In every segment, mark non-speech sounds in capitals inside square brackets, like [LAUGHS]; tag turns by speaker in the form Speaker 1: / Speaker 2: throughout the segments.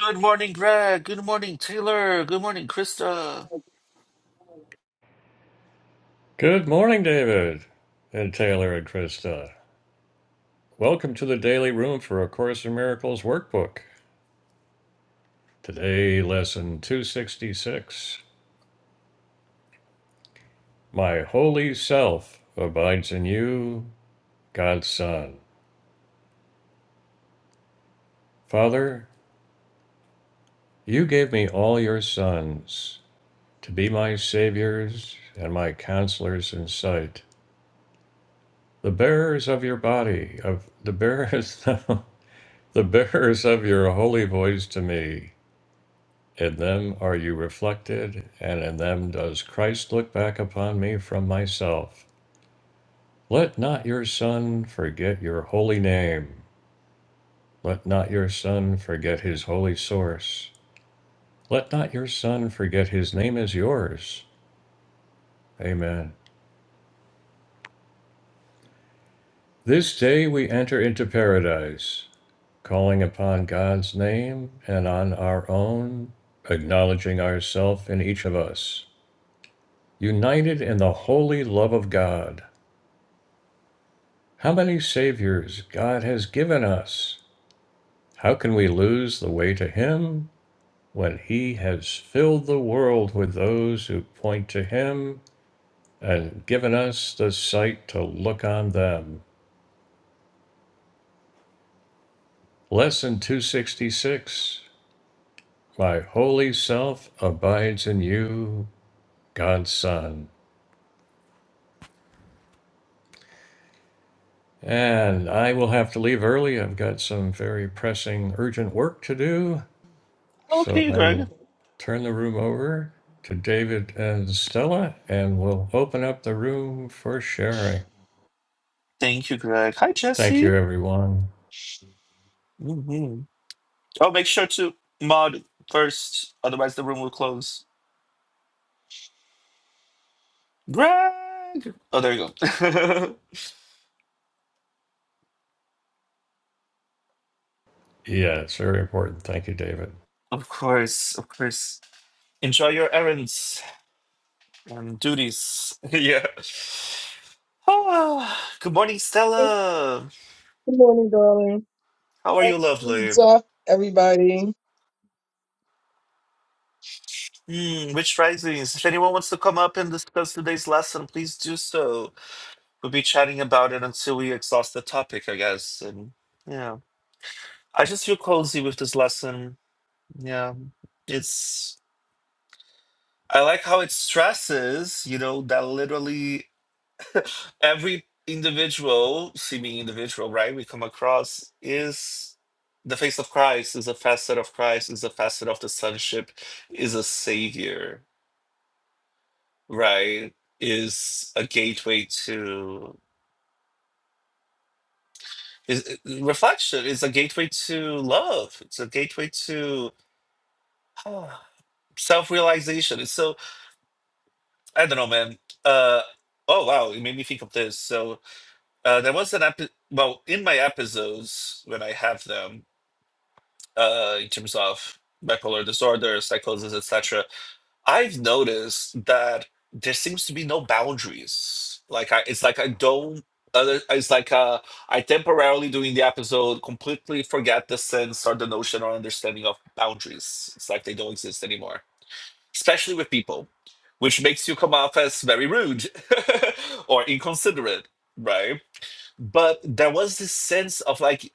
Speaker 1: Good morning, Greg. Good morning, Taylor. Good morning, Krista.
Speaker 2: Good morning, David and Taylor and Krista. Welcome to the Daily Room for A Course in Miracles workbook. Today, lesson 266 My Holy Self abides in you, God's Son. Father, you gave me all your sons to be my saviors and my counselors in sight, the bearers of your body, of the bearers, [LAUGHS] the bearers of your holy voice to me In them are you reflected, and in them does Christ look back upon me from myself. Let not your Son forget your holy name. Let not your Son forget his holy source. Let not your Son forget his name is yours. Amen. This day we enter into paradise, calling upon God's name and on our own, acknowledging ourself in each of us, united in the holy love of God. How many Saviors God has given us! How can we lose the way to Him when He has filled the world with those who point to Him and given us the sight to look on them? Lesson 266 My holy self abides in you, God's Son. And I will have to leave early. I've got some very pressing, urgent work to do. So
Speaker 1: Okay,
Speaker 2: I
Speaker 1: Greg.
Speaker 2: will turn the room over to David and Stella, and we'll open up the room for sharing.
Speaker 1: Thank you, Greg. Hi,
Speaker 2: Thank
Speaker 1: Jesse.
Speaker 2: you, everyone.
Speaker 1: hmm Oh, make sure to mod first, otherwise the room will close. Greg. Oh, there you go.
Speaker 2: Yeah, it's very important. Thank you, David.
Speaker 1: [LAUGHS] of course, of course. Enjoy your errands and duties. [LAUGHS] yeah. [SIGHS] Ah, good morning,
Speaker 3: Good
Speaker 1: Stella.
Speaker 3: morning, darling.
Speaker 1: How are you, lovely?
Speaker 3: What's up, everybody?
Speaker 1: Hmm, which risings? If anyone wants to come up and discuss today's lesson, please do so. We'll be chatting about it until we exhaust the topic, I guess. And yeah, I just feel cozy with this lesson. Yeah, it's. I like how it stresses, you know, that literally every individual, seeming individual, right, we come across is the face of Christ, is a facet of Christ, is a facet of the sonship, is a savior, right? Is a gateway to. Is uh, reflection is a gateway to love. It's a gateway to [SIGHS] self realization. It's so I don't know, man. Uh oh wow, it made me think of this. So uh there was an epi- well in my episodes when I have them uh in terms of bipolar disorder, psychosis, etc. I've noticed that there seems to be no boundaries. Like I, it's like I don't. Uh, it's like uh, I temporarily during the episode completely forget the sense or the notion or understanding of boundaries. It's like they don't exist anymore, especially with people, which makes you come off as very rude [LAUGHS] or inconsiderate, right? But there was this sense of like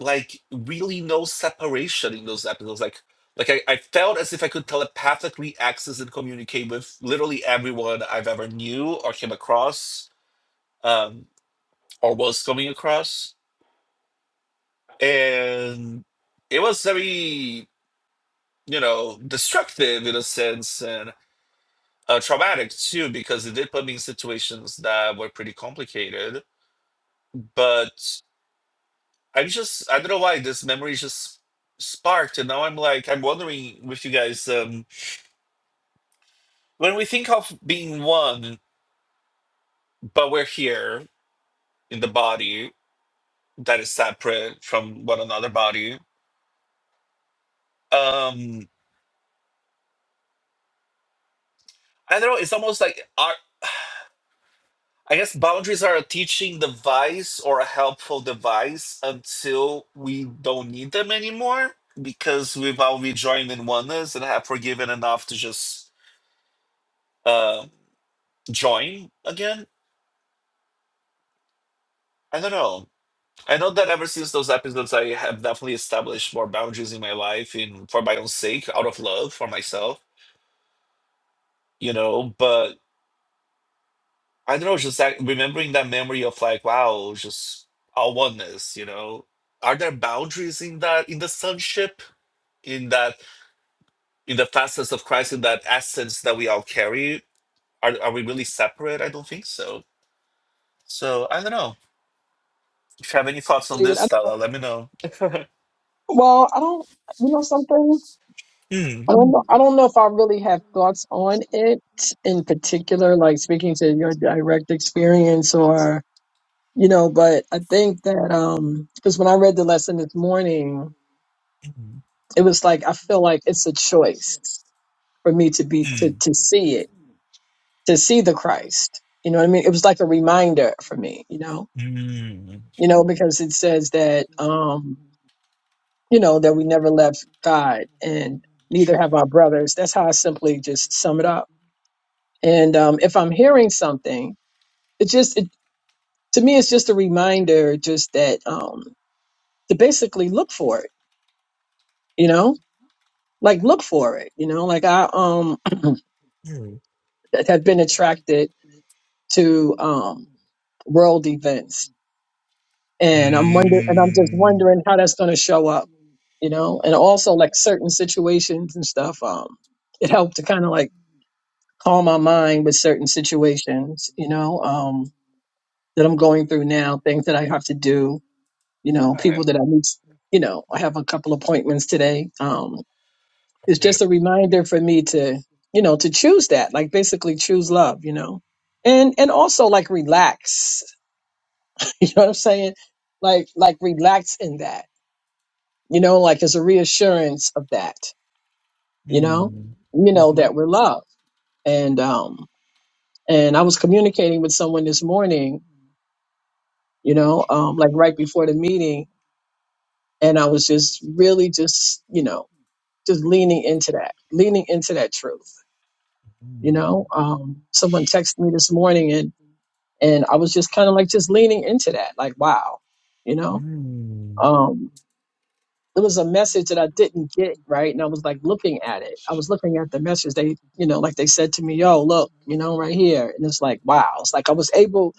Speaker 1: like really no separation in those episodes. Like like I, I felt as if I could telepathically access and communicate with literally everyone I've ever knew or came across, um, or was coming across. And it was very, you know, destructive in a sense and uh, traumatic too, because it did put me in situations that were pretty complicated. But I just, I don't know why this memory just sparked. And now I'm like, I'm wondering with you guys, um, When we think of being one, but we're here in the body that is separate from one another body, um, I don't know. It's almost like our, I guess boundaries are a teaching device or a helpful device until we don't need them anymore because we've all rejoined in oneness and have forgiven enough to just uh, join again. I don't know. I know that ever since those episodes, I have definitely established more boundaries in my life in for my own sake, out of love for myself, you know. But I don't know, just that remembering that memory of like, wow, just our oneness, you know. Are there boundaries in that in the sonship, in that in the facets of Christ, in that essence that we all carry? Are are we really separate? I don't think so. So I don't know. If you have any thoughts on
Speaker 3: David.
Speaker 1: this,
Speaker 3: I,
Speaker 1: Stella, let me know. [LAUGHS]
Speaker 3: well, I don't. You know something?
Speaker 1: Mm,
Speaker 3: I don't know. I don't know if I really have thoughts on it in particular, like speaking to your direct experience, or you know. But I think that um, because when I read the lesson this morning,
Speaker 1: mm,
Speaker 3: it was like I feel like it's a choice for me to be to to see it, to see the Christ. You know what I mean? It was like a reminder for me. You know.
Speaker 1: mm, mm,
Speaker 3: You know because it says that. um you know, that we never left God and neither have our brothers. That's how I simply just sum it up. And um, if I'm hearing something, it just, it, to me, it's just a reminder just that um, to basically look for it, you know, like look for it, you know, like I um,
Speaker 1: mm.
Speaker 3: [CLEARS THROAT] have been attracted to um, world events and I'm wonder and I'm just
Speaker 1: Mm.
Speaker 3: wondering how that's going to show up, you know, and also like certain situations and stuff. Um, it helped to kind of like calm my mind with certain situations, you know, um, that I'm going through now, things that I have to do, you know, people
Speaker 1: Alright.
Speaker 3: that I need, you know, I have a couple appointments today. Um, it's just a reminder for me to, you know, to choose that, like basically choose love, you know, and, and also like relax, [LAUGHS] you know what I'm saying? Like, like relax in that, you know, like as a reassurance of that, you know,
Speaker 1: Mm.
Speaker 3: you know, that
Speaker 1: Mhm.
Speaker 3: we're loved and, um, and I was communicating with someone this morning you know, um, like right before the meeting. And I was just really just, you know, just leaning into that, leaning into that truth. You know,
Speaker 1: Mm.
Speaker 3: um, someone texted me this morning and, and I was just kind of like just leaning into that, like, wow, you know?
Speaker 1: Mm.
Speaker 3: Um, It was a message that I didn't get, right? And I was like looking at it. I was looking at the message. They, you know, like they said to me, yo, look, you know, right here. And it's like, wow. It's like I was able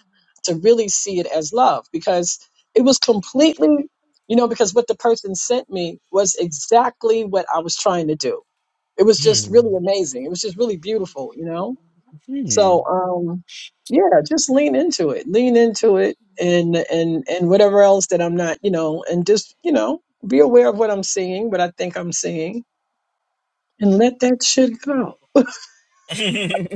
Speaker 3: to really see it as love because it was completely, you know, because what the person sent me was exactly what I was trying to do. It was just really
Speaker 1: Mm.
Speaker 3: amazing. It was just really beautiful, you know?
Speaker 1: Mm.
Speaker 3: So um yeah, just lean into it. Lean into it and and and whatever else that I'm not, you know, and just, you know, be aware of what I'm seeing, what I think I'm seeing, and let that shit go.
Speaker 1: [LAUGHS]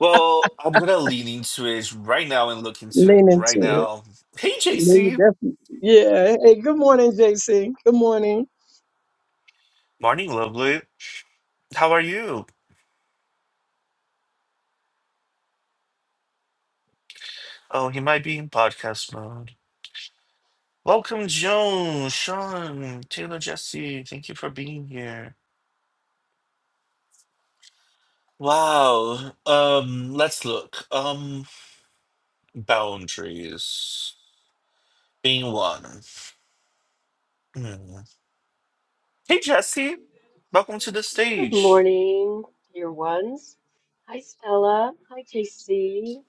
Speaker 1: well, I'm gonna lean into it right now and look into it
Speaker 3: Lean
Speaker 1: right
Speaker 3: into it.
Speaker 1: now. Hey,
Speaker 3: Lean
Speaker 1: JC.
Speaker 3: definitely. Yeah. Hey, good morning, JC. Good morning.
Speaker 1: Morning, lovely. How are you? Oh, he might be in podcast mode. Welcome, Joan, Sean, Taylor, Jesse. Thank you for being here. Wow. Um, let's look. Um, boundaries being one. Mm. Hey, Jesse. Welcome to the
Speaker 4: Good
Speaker 1: stage.
Speaker 4: morning, dear ones. Hi, Stella. Hi, JC.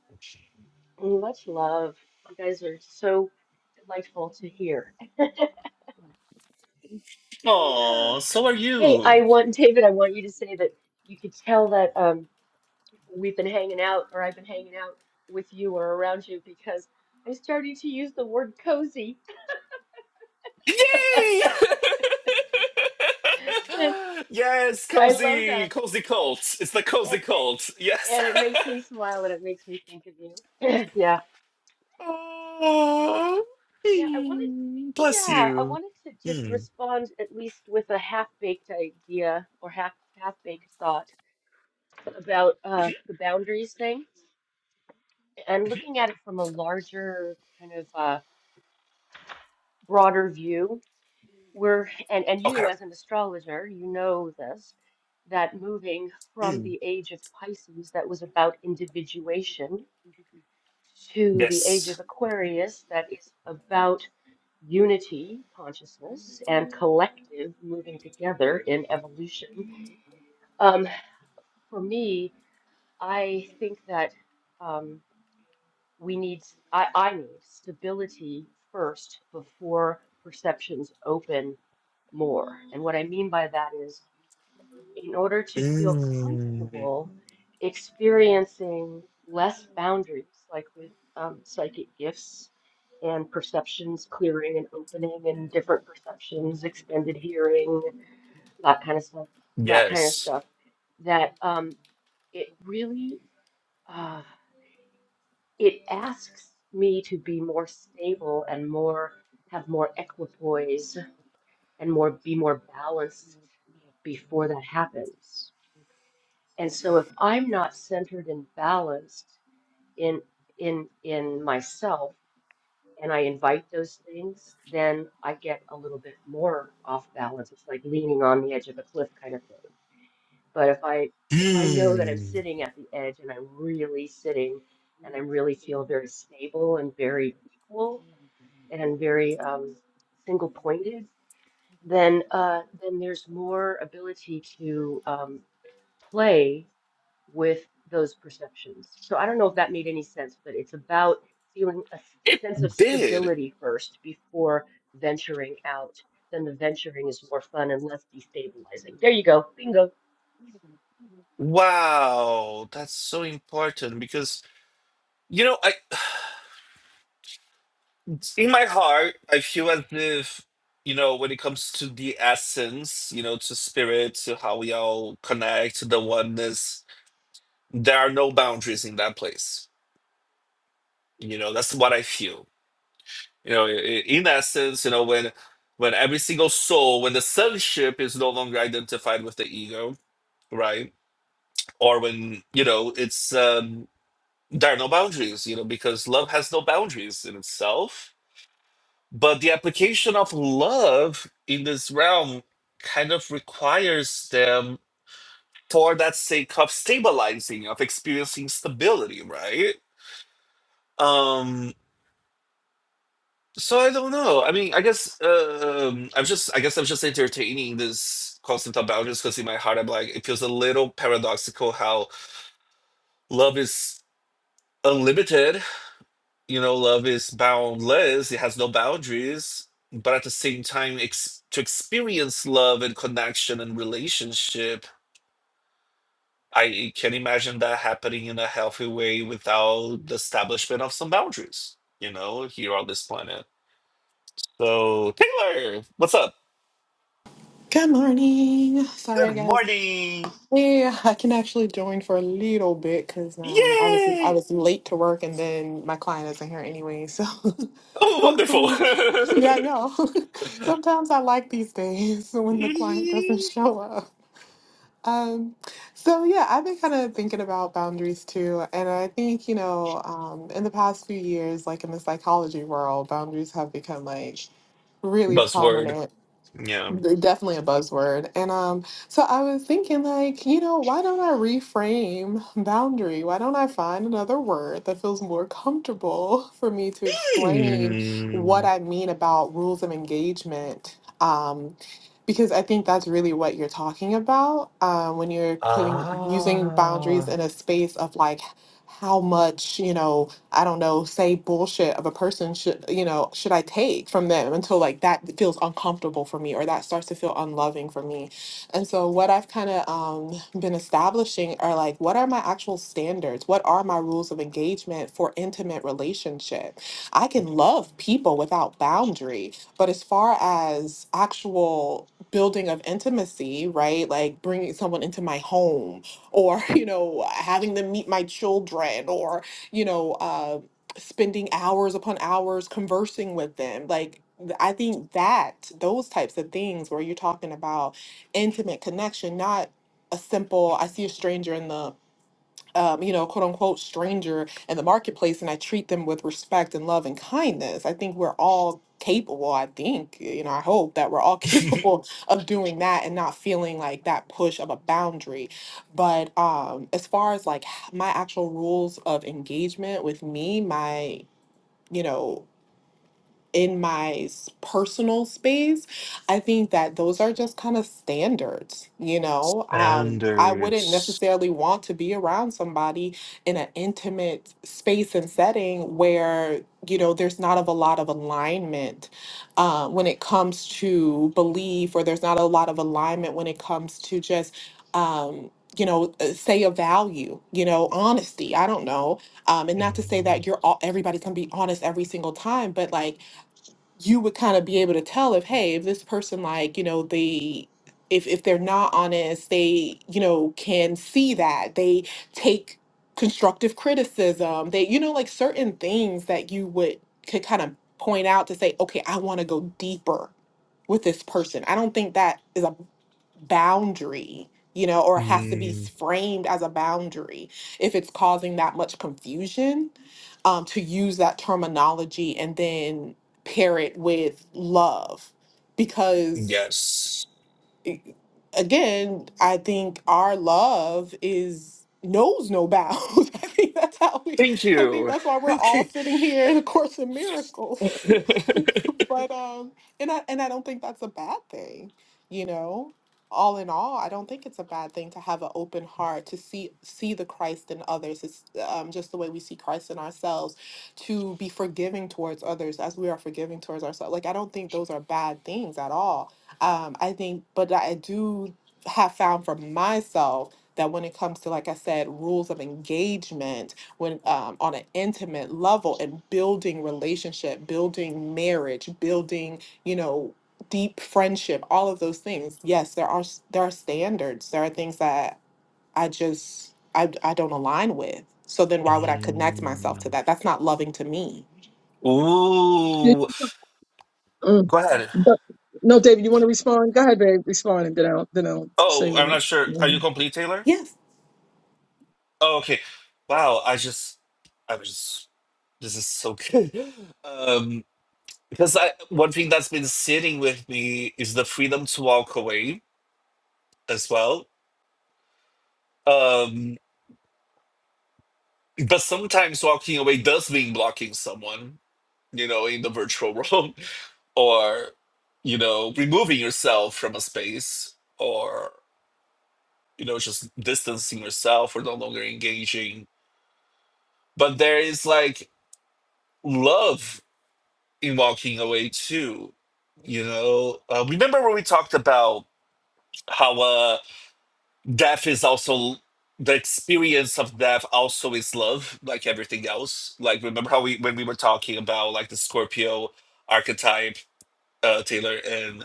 Speaker 4: Much love. You guys are so delightful to hear. Yeah.
Speaker 1: Oh, so are
Speaker 4: Hey, I
Speaker 1: you.
Speaker 4: want, David, I want you to say that you could tell that um, we've been hanging out or I've been hanging out with you or around you because I'm starting to use the word cozy.
Speaker 1: Yay!
Speaker 4: [LAUGHS]
Speaker 1: [LAUGHS] yes,
Speaker 4: And I love
Speaker 1: cozy,
Speaker 4: that.
Speaker 1: cozy
Speaker 4: And,
Speaker 1: cult. It's the
Speaker 4: and,
Speaker 1: cozy cult. Yes.
Speaker 4: and it makes me smile and it makes me think of you. [LAUGHS] [CLEARS THROAT] yeah.
Speaker 1: [LAUGHS] oh,
Speaker 4: Yeah, I wanted,
Speaker 1: mm, bless
Speaker 4: yeah, I
Speaker 1: you.
Speaker 4: wanted to just
Speaker 1: Mm.
Speaker 4: respond at least with a half-baked idea or half half-baked thought about uh, the boundaries thing and looking at it from a larger kind of uh, broader view. We're and and you
Speaker 1: Okay.
Speaker 4: as an astrologer, you know this, that moving from
Speaker 1: Mm.
Speaker 4: the age of Pisces that was about individuation to the age of
Speaker 1: Yes.
Speaker 4: Aquarius that is about unity consciousness and collective moving together in evolution. Um, for me, I think that um, we need, I, I need stability first before perceptions open more. And what I mean by that is in order to feel
Speaker 1: Mm.
Speaker 4: comfortable experiencing less boundaries, like with um, psychic gifts and perceptions clearing and opening and different perceptions, extended hearing, that kind of stuff, that kind of
Speaker 1: Yes.
Speaker 4: stuff, that um, it really uh, it asks me to be more stable and more have more equipoise and more be more balanced before that happens And so if I'm not centered and balanced in in in myself and I invite those things, then I get a little bit more off balance. It's like leaning on the edge of a cliff kind of thing. But if I if I know that I'm
Speaker 1: Mm.
Speaker 4: sitting at the edge and I'm really sitting and I really feel very stable and very equal and very um, single pointed, then uh, then there's more ability to um, play with those perceptions. So I don't know if that made any sense, but it's about feeling a s-
Speaker 1: It
Speaker 4: sense of
Speaker 1: did.
Speaker 4: stability first before venturing out. Then the venturing is more fun and less destabilizing. There you go. Bingo.
Speaker 1: Wow, that's so important because You know, I [SIGHS] in my heart, I feel as if, you know, when it comes to the essence, you know, to spirit, to how we all connect, to the oneness, there are no boundaries in that place. You know, that's what I feel. You know, i- i- in essence, you know, when when every single soul, when the sonship is no longer identified with the ego, right? Or when, you know, it's um there are no boundaries, you know, because love has no boundaries in itself But the application of love in this realm kind of requires them for that sake of stabilizing, of experiencing stability, right? Um, so I don't know. I mean, I guess um, I'm just I guess I'm just entertaining this concept of boundaries because in my heart I'm like, it feels a little paradoxical how love is unlimited you know, love is boundless, it has no boundaries, but at the same time, ex- to experience love and connection and relationship, I can imagine that happening in a healthy way without the establishment of some boundaries, you know, here on this planet. So, Taylor, what's up?
Speaker 5: Good morning. Sorry,
Speaker 1: Good
Speaker 5: guys.
Speaker 1: morning.
Speaker 5: Yeah, I can actually join for a little bit because um, I was I
Speaker 1: Yay.
Speaker 5: was late to work, and then my client isn't here anyway. So [LAUGHS]
Speaker 1: Oh, wonderful.
Speaker 5: hopefully, yeah, I know. [LAUGHS] Sometimes I like these days [LAUGHS] when the client doesn't show up. Um, so yeah, I've been kind of thinking about boundaries too, and I think you know, um, in the past few years, like in the psychology world, boundaries have become like
Speaker 1: [LAUGHS]
Speaker 5: really
Speaker 1: Buzzword.
Speaker 5: prominent
Speaker 1: Yeah.
Speaker 5: d- definitely a buzzword. And um, so I was thinking, like, you know, why don't I reframe boundary? Why don't I find another word that feels more comfortable [LAUGHS] for me to explain
Speaker 1: Hmm.
Speaker 5: what I mean about rules of engagement? Um, because I think that's really what you're talking about uh, when you're putting using boundaries
Speaker 1: Ah.
Speaker 5: in a space of like how much you know I don't know, say bullshit of a person should, you know, should I take from them until like that feels uncomfortable for me or that starts to feel unloving for me. And so what I've kind of um, been establishing are like, what are my actual standards? What are my rules of engagement for intimate relationship? I can love people without boundary, but as far as actual building of intimacy, right? Like bringing someone into my home or, [LAUGHS] you know, having them meet my children or you know, uh, spending hours upon hours conversing with them. Like, th- I think that those types of things where you're talking about intimate connection, not a simple, I see a stranger in the um, you know, quote unquote stranger in the marketplace and I treat them with respect and love and kindness. I think we're all capable, I think, you know, I hope that we're all [LAUGHS]
Speaker 1: [LAUGHS]
Speaker 5: capable of doing that and not feeling like that push of a boundary. But um as far as like h- my actual rules of engagement with me, my, you know, in my s- personal space, I think that those are just kind of standards, you know. Um, I wouldn't
Speaker 1: Standards.
Speaker 5: necessarily want to be around somebody in an intimate space and setting where, you know, there's not of a lot of alignment uh, when it comes to belief, or there's not a lot of alignment when it comes to just, um, you know, uh, say a value, you know, honesty. I don't know um, and not to say
Speaker 1: Mm,
Speaker 5: that you're all everybody's gonna be honest every single time but like you would kind of be able to tell if hey if this person like you know they if if they're not honest they you know can see that they take constructive criticism they you know like certain things that you would could kind of point out to say okay i want to go deeper with this person i don't think that is a boundary you know or has to be
Speaker 1: mm,
Speaker 5: framed as a boundary if it's causing that much confusion um, to use that terminology and then pair it with love because
Speaker 1: yes.
Speaker 5: i- again, I think our love is knows no bounds. [LAUGHS] I think that's how we
Speaker 1: Thank
Speaker 5: I think
Speaker 1: you.
Speaker 5: that's why
Speaker 1: [LAUGHS]
Speaker 5: we're all
Speaker 1: Okay.
Speaker 5: sitting here in a course of miracles.
Speaker 1: [LAUGHS]
Speaker 5: [LAUGHS] but um and I and I don't think that's a bad thing, you know. All in all, I don't think it's a bad thing to have an open heart to see see the Christ in others. It's um, just the way we see Christ in ourselves, to be forgiving towards others as we are forgiving towards ourselves. Like I don't think those are bad things at all um, I think, but I do have found for myself that when it comes to, like I said, rules of engagement, when um, on an intimate level and building relationship, building marriage, building, you know, deep friendship, all of those things. Yes, there are s- there are standards. There are things that I just I I don't align with. So then why would I connect
Speaker 1: Mm.
Speaker 5: myself to that? That's not loving to me.
Speaker 1: Ooh.
Speaker 3: Mm.
Speaker 1: Go ahead.
Speaker 3: But- no, David, you want to respond? Go ahead, babe. Respond and then I'll then I'll say
Speaker 1: Oh,
Speaker 3: what
Speaker 1: I'm not sure. Are you
Speaker 3: Mhm.
Speaker 1: complete, Taylor?
Speaker 5: Yes.
Speaker 1: Oh, okay. Wow. I just, I was just, this is so good. [LAUGHS] Um, because I, one thing that's been sitting with me is the freedom to walk away as well. Um, but sometimes walking away does mean blocking someone you know, in the virtual world, [LAUGHS] or, you know, removing yourself from a space, or, you know, just distancing yourself or no longer engaging. But there is like love in walking away too. You know, uh, remember when we talked about how uh, death is also the experience of death also is love, like everything else. Like remember how we when we were talking about like the Scorpio archetype, uh, Taylor, and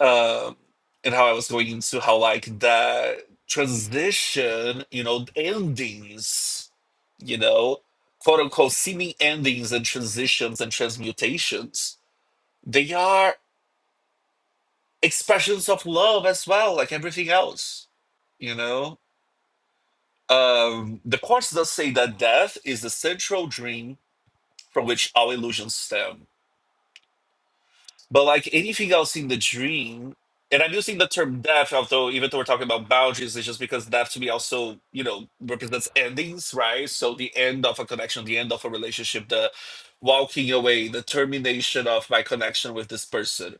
Speaker 1: um, and how I was going into how like the transition, you know, endings, you know, quote unquote seeming endings and transitions and transmutations, they are expressions of love as well, like everything else, you know. Um, the course does say that death is the central dream from which all illusions stem But like anything else in the dream, and I'm using the term death, although even though we're talking about boundaries, it's just because death to me also, you know, represents endings, right? So the end of a connection, the end of a relationship, the walking away, the termination of my connection with this person.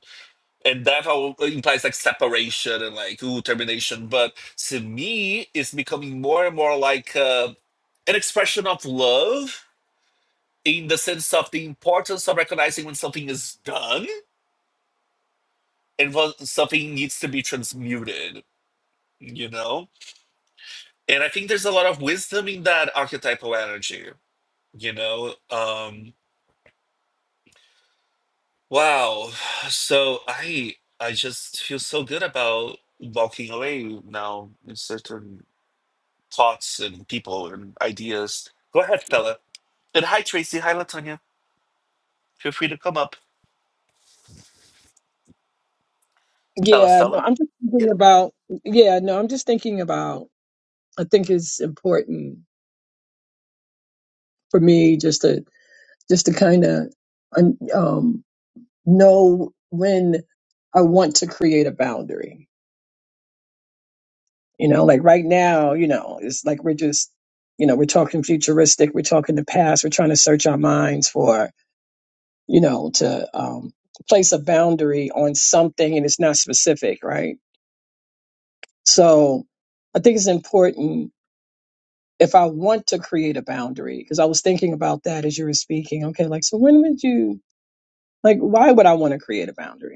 Speaker 1: And death al- implies like separation and like, ooh, termination. But to me, it's becoming more and more like uh, an expression of love in the sense of the importance of recognizing when something is done and what something needs to be transmuted, you know? And I think there's a lot of wisdom in that archetypal energy, you know? Um wow. [SIGHS] So I I just feel so good about walking away now in certain thoughts and people and ideas. Go ahead, Stella. And hi Tracy, hi Latonia. Feel free to come up. Stella
Speaker 3: yeah, no,
Speaker 1: Stella?
Speaker 3: I'm just thinking
Speaker 1: Yeah.
Speaker 3: about yeah, no, I'm just thinking about I think it's important for me just to just to kind of um, know when I want to create a boundary. You know, like right now, you know, it's like we're just, you know, we're talking futuristic, we're talking the past, we're trying to search our minds for, you know, to um, place a boundary on something and it's not specific, right? So I think it's important if I want to create a boundary, because I was thinking about that as you were speaking. Okay, like, so when would you, like, why would I want to create a boundary?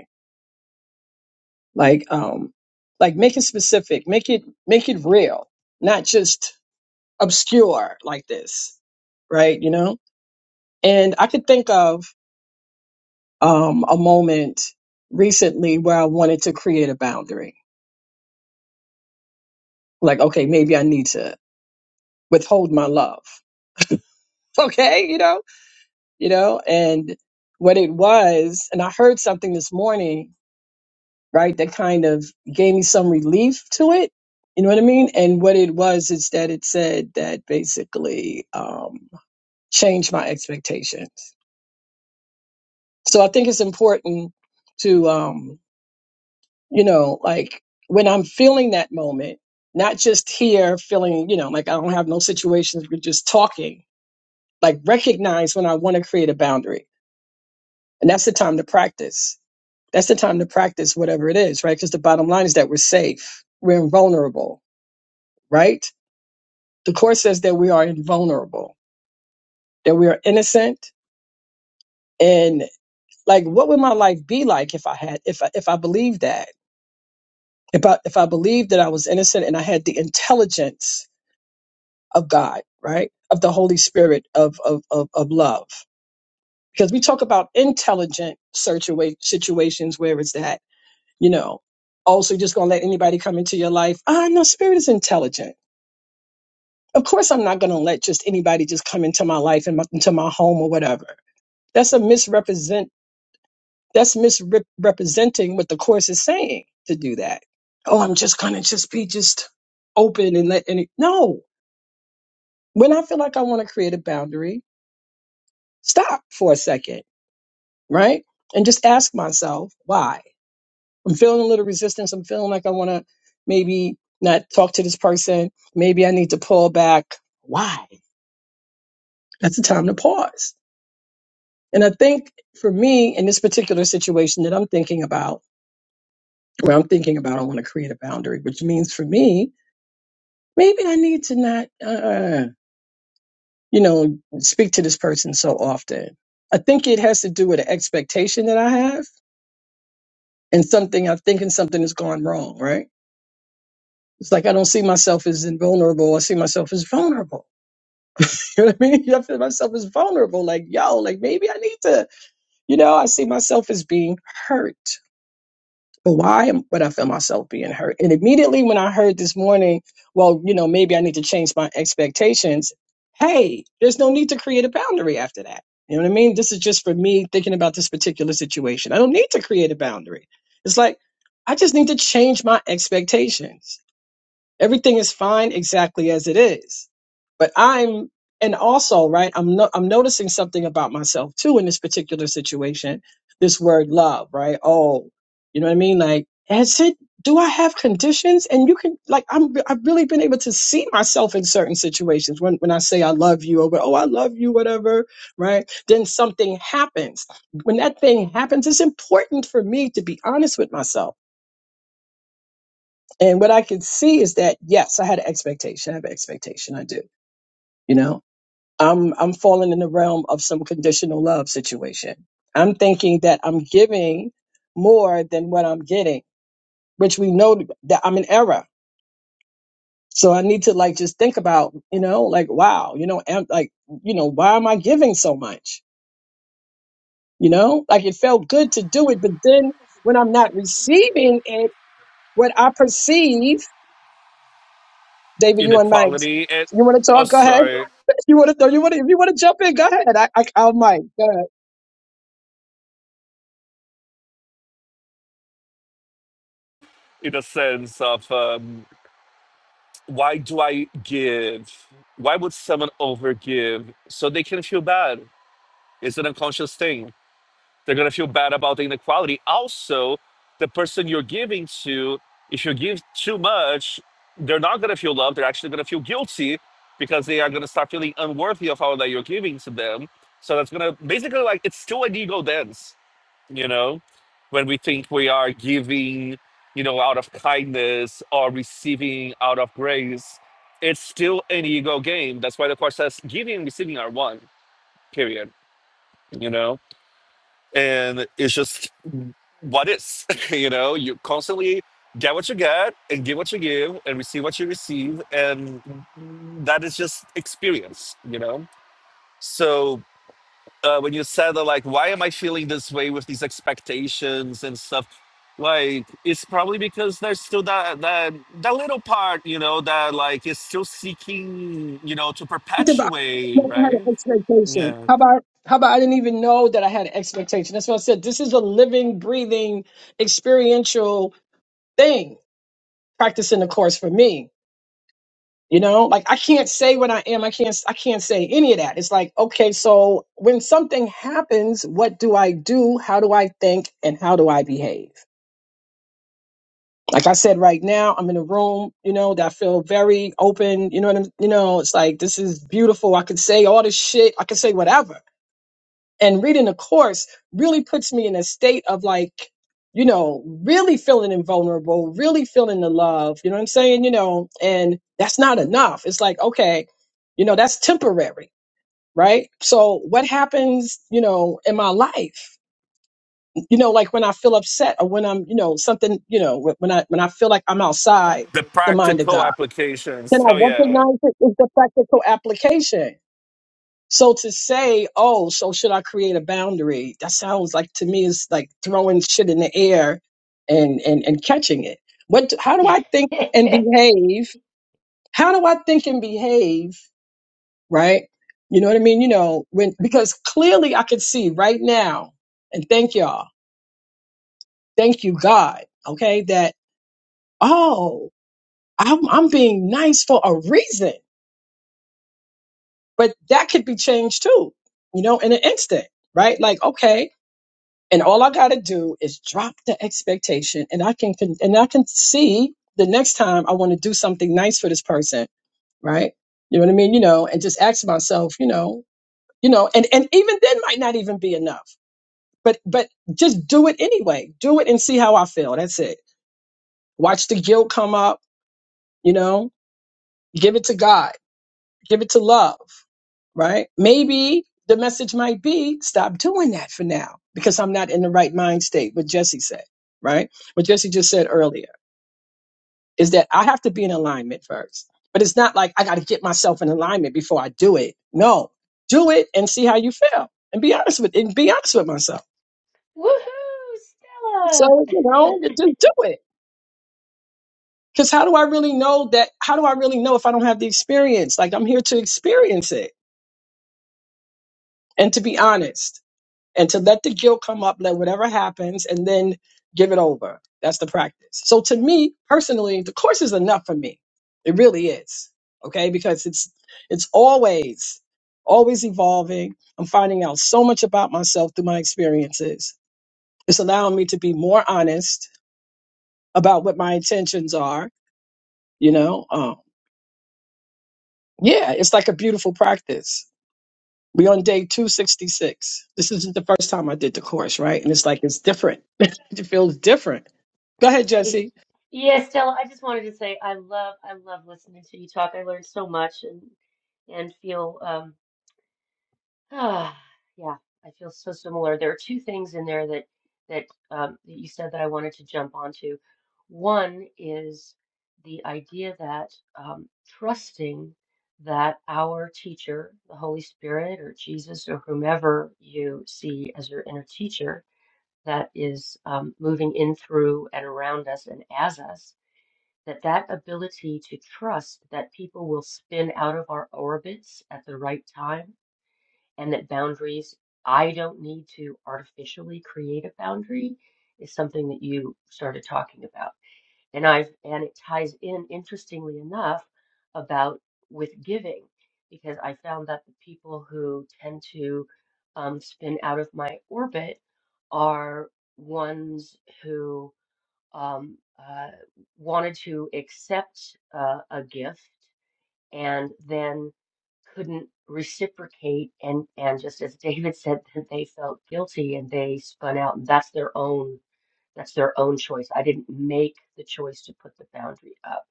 Speaker 3: like um like make it specific make it make it real not just obscure like this right you know and i could think of um a moment recently where i wanted to create a boundary like okay maybe i need to withhold my love [LAUGHS] okay you know you know and what it was and i heard something this morning right? That kind of gave me some relief to it. You know what I mean? And what it was is that it said that basically um, changed my expectations. So I think it's important to, um, you know, like when I'm feeling that moment, not just here feeling, you know, like I don't have no situations, we're just talking, like recognize when I want to create a boundary. And that's the time to practice. That's the time to practice whatever it is, right? Because the bottom line is that we're safe, we're invulnerable right? The court says that we are invulnerable, that we are innocent, and like, what would my life be like if I had, if I, if I believed that, if I, if I believed that I was innocent and I had the intelligence of God, right, of the Holy Spirit of of of, of love, because we talk about intelligent situa- situations where it's that, you know, also you're just gonna let anybody come into your life. Ah, no, Spirit is intelligent. Of course, I'm not gonna let just anybody just come into my life and my, into my home or whatever That's a misrepresent. That's misrepresenting what the course is saying to do that. Oh, I'm just gonna just be just open and let any. No, when I feel like I want to create a boundary, stop for a second, right, and just ask myself why. I'm feeling a little resistance. I'm feeling like I want to maybe not talk to this person. Maybe I need to pull back. Why? That's the time to pause. And I think for me in this particular situation that I'm thinking about where I'm thinking about I want to create a boundary, which means for me, maybe I need to not, uh, you know, speak to this person so often. I think it has to do with an expectation that I have and something I'm thinking something has gone wrong, right? It's like I don't see myself as invulnerable. I see myself as vulnerable. [LAUGHS] You know what I mean? I feel myself as vulnerable. Like, yo, like maybe I need to, you know, I see myself as being hurt. But why am- would I feel myself being hurt? And immediately when I heard this morning, well, you know, maybe I need to change my expectations. Hey, there's no need to create a boundary after that. You know what I mean? This is just for me thinking about this particular situation. I don't need to create a boundary. It's like, I just need to change my expectations Everything is fine exactly as it is. But I'm and also, right, I'm no, I'm noticing something about myself too in this particular situation. This word love, right? Oh, you know what I mean? Like, has it do I have conditions? And you can like I'm I've really been able to see myself in certain situations when when I say I love you or oh I love you, whatever, right? Then something happens. When that thing happens, it's important for me to be honest with myself and what I could see is that yes, I had an expectation. I have an expectation. I do. You know, I'm I'm falling in the realm of some conditional love situation. I'm thinking that I'm giving more than what I'm getting, which we know that I'm in error. So I need to like just think about, you know, like wow, you know, am, like you know, why am I giving so much? You know, like it felt good to do it, but then when I'm not receiving it, what I perceive David, you on mic.
Speaker 1: Inequality and
Speaker 3: You want to
Speaker 1: oh
Speaker 3: talk? Go ahead. [LAUGHS]
Speaker 1: sorry,
Speaker 3: You want to? You want to? If you want to jump in, go ahead. I, I I'll mic. Go ahead.
Speaker 1: in a sense of um, why do I give? Why would someone overgive? So they can feel bad. It's an unconscious thing. They're gonna feel bad about the inequality. Also, the person you're giving to, if you give too much, they're not gonna feel love. They're actually gonna feel guilty because they are gonna start feeling unworthy of all that you're giving to them. So that's gonna basically like it's still an ego dance you know when we think we are giving you know out of kindness or receiving out of grace it's still an ego game that's why the course says giving and receiving are one period you know and it's just what is [LAUGHS] you know you constantly get what you get and give what you give and receive what you receive and that is just experience you know so uh, when you said that, like, why am I feeling this way with these expectations and stuff? Like, it's probably because there's still that that that little part, you know, that like is still seeking, you know, to
Speaker 3: Something about- I
Speaker 1: perpetuate,
Speaker 3: never had
Speaker 1: right?
Speaker 3: an expectation.
Speaker 1: Yeah,
Speaker 3: How about? How about I didn't even know that I had an expectation. That's what I said. This is a living, breathing, experiential thing. Practicing the course for me. You know, like I can't say what I am. I can't. I can't say any of that. It's like, okay, so when something happens, what do I do? How do I think? And how do I behave? like I said, right now I'm in a room, you know, that I feel very open. You know what I'm, you know, it's like this is beautiful. I can say all this shit. I can say whatever. And reading the course really puts me in a state of like, you know, really feeling invulnerable, really feeling the love. You know what I'm saying? You know, and that's not enough. It's like, okay, you know, that's temporary, right? So what happens, you know, in my life? you know like when i feel upset or when i'm you know something you know wh- when i when i feel like i'm outside
Speaker 1: the
Speaker 3: the mind of
Speaker 1: practical
Speaker 3: god
Speaker 1: applications. Hell yeah.
Speaker 3: so application so to say oh so should i create a boundary that sounds like to me is like throwing shit in the air and and and catching it what how do i think
Speaker 4: [LAUGHS]
Speaker 3: and
Speaker 4: Woohoo,
Speaker 3: behave how do i think and behave right you know what i mean you know when because clearly i could see right now and thank y'all thank you god okay that Oh. I'm, I'm being nice for a reason, but that could be changed too, you know, in an instant, right? Like, okay. And all I got to do is drop the expectation and I can, can, and I can see the next time I want to do something nice for this person, right? You know what I mean? You know, and just ask myself, you know, you know, and, and even then might not even be enough, but, but just do it anyway. Do it and see how I feel. That's it. Watch the guilt come up, you know, give it to God, give it to love right? Maybe the message might be stop doing that for now because I'm not in the right mind state, what Jesse said, right? What Jesse just said earlier is that I have to be in alignment first. But it's not like I got to get myself in alignment before I do it. No, do it and see how you feel and be honest with and be honest with myself.
Speaker 4: Stella!
Speaker 3: So, you know, just do it. Because how do I really know that? How do I really know if I don't have the experience? Like, I'm here to experience it and to be honest. and to let the guilt come up, let whatever happens, and then give it over. That's the practice. So to me personally, the course is enough for me. It really is. Okay, because it's it's always always evolving. I'm finding out so much about myself through my experiences. It's allowing me to be more honest about what my intentions are. You know, um, yeah, it's like a beautiful practice. We on day 266. This isn't the first time I did the course, right? And it's like it's different. [LAUGHS] it feels different [LAUGHS] Go ahead,
Speaker 4: Hey,
Speaker 3: Jesse.
Speaker 4: yeah, Stella, I just wanted to say I love I love listening to you talk. I learned so much and and feel um Ah, yeah, I feel so similar. There are two things in there that that um, that you said that I wanted to jump onto. One is the idea that um, trusting that our teacher, the Holy Spirit or Jesus or whomever you see as your inner teacher that is um, moving in through and around us and as us, that that ability to trust that people will spin out of our orbits at the right time and that boundaries, I don't need to artificially create a boundary, is something that you started talking about. And I've, and it ties in, interestingly enough, about with giving, because I found that the people who tend to um, spin out of my orbit are ones who um, uh, wanted to accept uh, a gift. And then couldn't reciprocate and and just as David said [LAUGHS] that they felt guilty and they spun out and that's their own that's their own choice. I didn't make the choice to put the boundary up.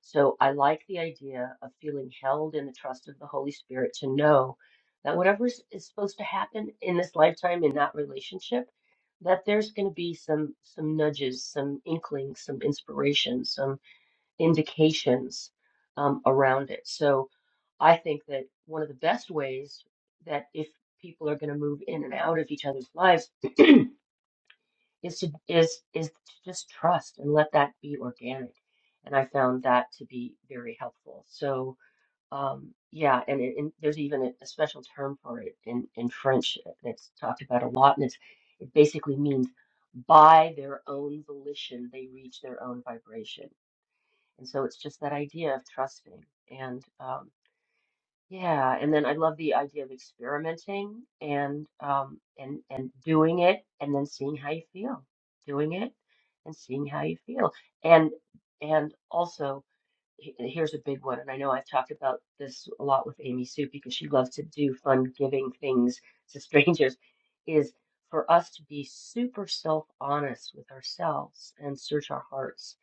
Speaker 4: So I like the idea of feeling held in the trust of the Holy Spirit to know that whatever is, is supposed to happen in this lifetime in that relationship, that there's going to be some some nudges, some inklings, some inspiration, some indications um, around it. So I think that one of the best ways that if people are going to move in and out of each other's lives is to is is to just trust and let that be organic. And I found that to be very helpful. So um, yeah, and, it, and there's even a, a special term for it in in French that's talked about a lot, and it's it basically means by their own volition they reach their own vibration and so it's just that idea of trusting. And um, yeah, and then I love the idea of experimenting and um, and and doing it and then seeing how you feel. Doing it and seeing how you feel. And and also he- here's a big one, and I know I've talked about this a lot with Amy Sue because she loves to do fun giving things to [LAUGHS] strangers, is for us to be super self-honest with ourselves and search our hearts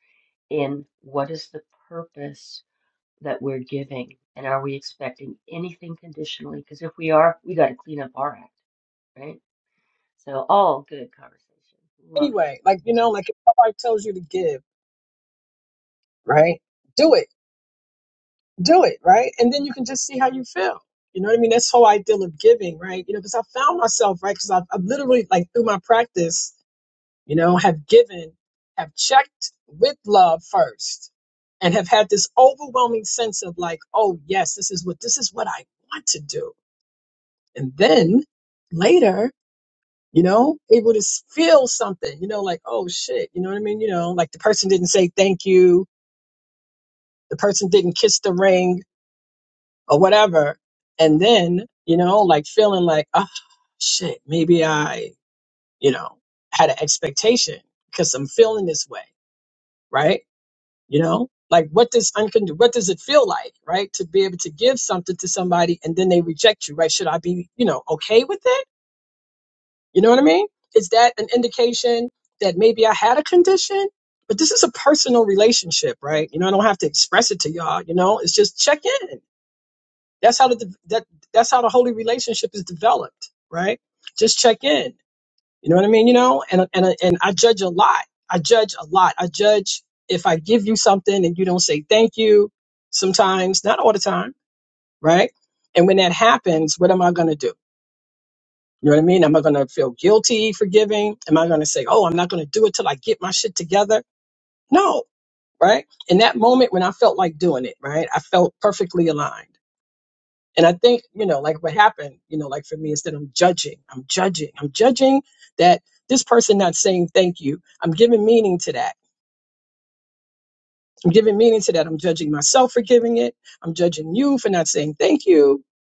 Speaker 4: in what is the purpose that we're giving? And are we expecting anything conditionally? Because if we are, we got to clean up our act, right? So, all good conversation. Love you.
Speaker 3: Anyway, like you know, like if somebody tells you to give, right? Do it, do it, right? And then you can just see how you feel. You know what I mean? This whole idea of giving, right? You know, because I found myself, right? Because I've, I've literally, like, through my practice, you know, have given, have checked with love first, and have had this overwhelming sense of like, oh yes, this is what this is what I want to do, and then later you know, able to s- feel something, you know, like, oh shit, you know what I mean? You know, like the person didn't say thank you, the person didn't kiss the ring or whatever. And then, you know, like feeling like, oh shit, maybe I, you know, had an expectation because I'm feeling this way, right? You know, like what does uncond- what does it feel like, right? To be able to give something to somebody and then they reject you, right? Should I be, you know, okay with it? You know what I mean? Is that an indication that maybe I had a condition? But this is a personal relationship, right? You know, I don't have to express it to y'all. You know, it's just check in. That's how the that that's how the holy relationship is developed, right? Just check in. You know what I mean? You know, and and and I judge a lot. I judge a lot. I judge if I give you something and you don't say thank you. Sometimes, not all the time, right? And when that happens, what am I going to do? You know what I mean? Am I going to feel guilty for giving? Am I going to say, oh, I'm not going to do it till I get my shit together? No, right? In that moment when I felt like doing it, right? I felt perfectly aligned. And I think, you know, like what happened, you know, like for me is that I'm judging, I'm judging, I'm judging that this person not saying thank you. I'm giving meaning to that. I'm giving meaning to that. I'm judging myself for giving it. I'm judging you for not saying thank you. [LAUGHS]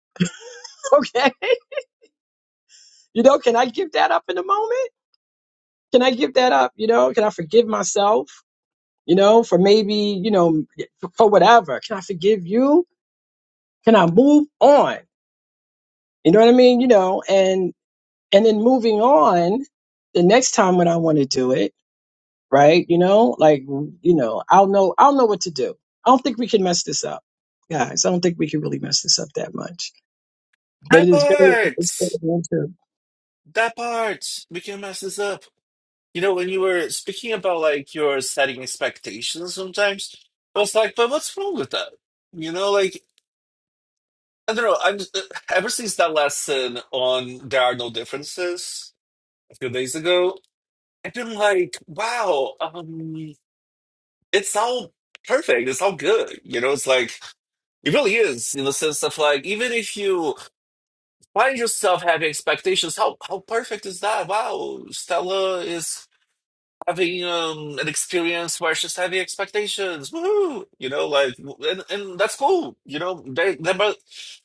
Speaker 3: Okay. You know, can I give that up in a moment? Can I give that up? You know, can I forgive myself? you know, for maybe, you know, for whatever. Can I forgive you? Can I move on? You know what I mean? You know, and and then moving on the next time when I want to do it, right? You know, like you know, I'll know I'll know what to do. I don't think we can mess this up. Guys, I don't think we can really mess this up that much. But it
Speaker 1: That
Speaker 3: is very
Speaker 1: part.
Speaker 3: it's very important.
Speaker 1: That part. We can mess this up. You know, when you were speaking about like your setting expectations, sometimes I was like, but what's wrong with that? You know, like I don't know. I'm just, ever since that lesson on there are no differences a few days ago, I've been like, wow, um, it's all perfect. It's all good. You know, it's like it really is in the sense of like even if you find yourself having expectations, how how perfect is that? Wow, Stella is having um an experience where she's having expectations. Woohoo! You know, like and, and that's cool. You know, they they but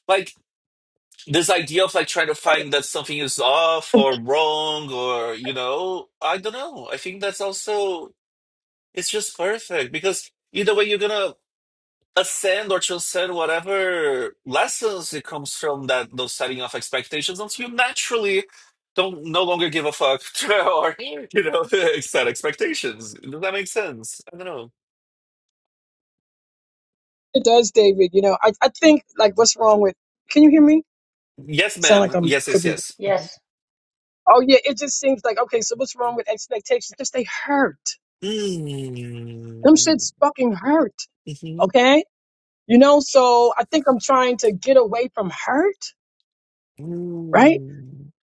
Speaker 1: like this idea of like trying to find that something is off or wrong or you know i don't know i think that's also it's just perfect because either way you're gonna ascend or transcend whatever lessons it comes from that those setting of expectations once you naturally don't no longer give a fuck [LAUGHS] or you know [LAUGHS] set expectations does that make sense i don't know
Speaker 3: It does, David. You know, I, I think like what's wrong with can you hear me?
Speaker 1: yes
Speaker 3: Sound like
Speaker 1: ma'am
Speaker 3: I'm
Speaker 1: yes
Speaker 3: could
Speaker 1: yes
Speaker 3: be
Speaker 1: yes
Speaker 4: Yes.
Speaker 3: Oh yeah, it just seems like okay. So what's wrong with expectations? Just they hurt. Them
Speaker 1: Mm.
Speaker 3: shits fucking hurt.
Speaker 1: Mhm.
Speaker 3: Okay, you know. So I think I'm trying to get away from hurt, right?
Speaker 1: Mm.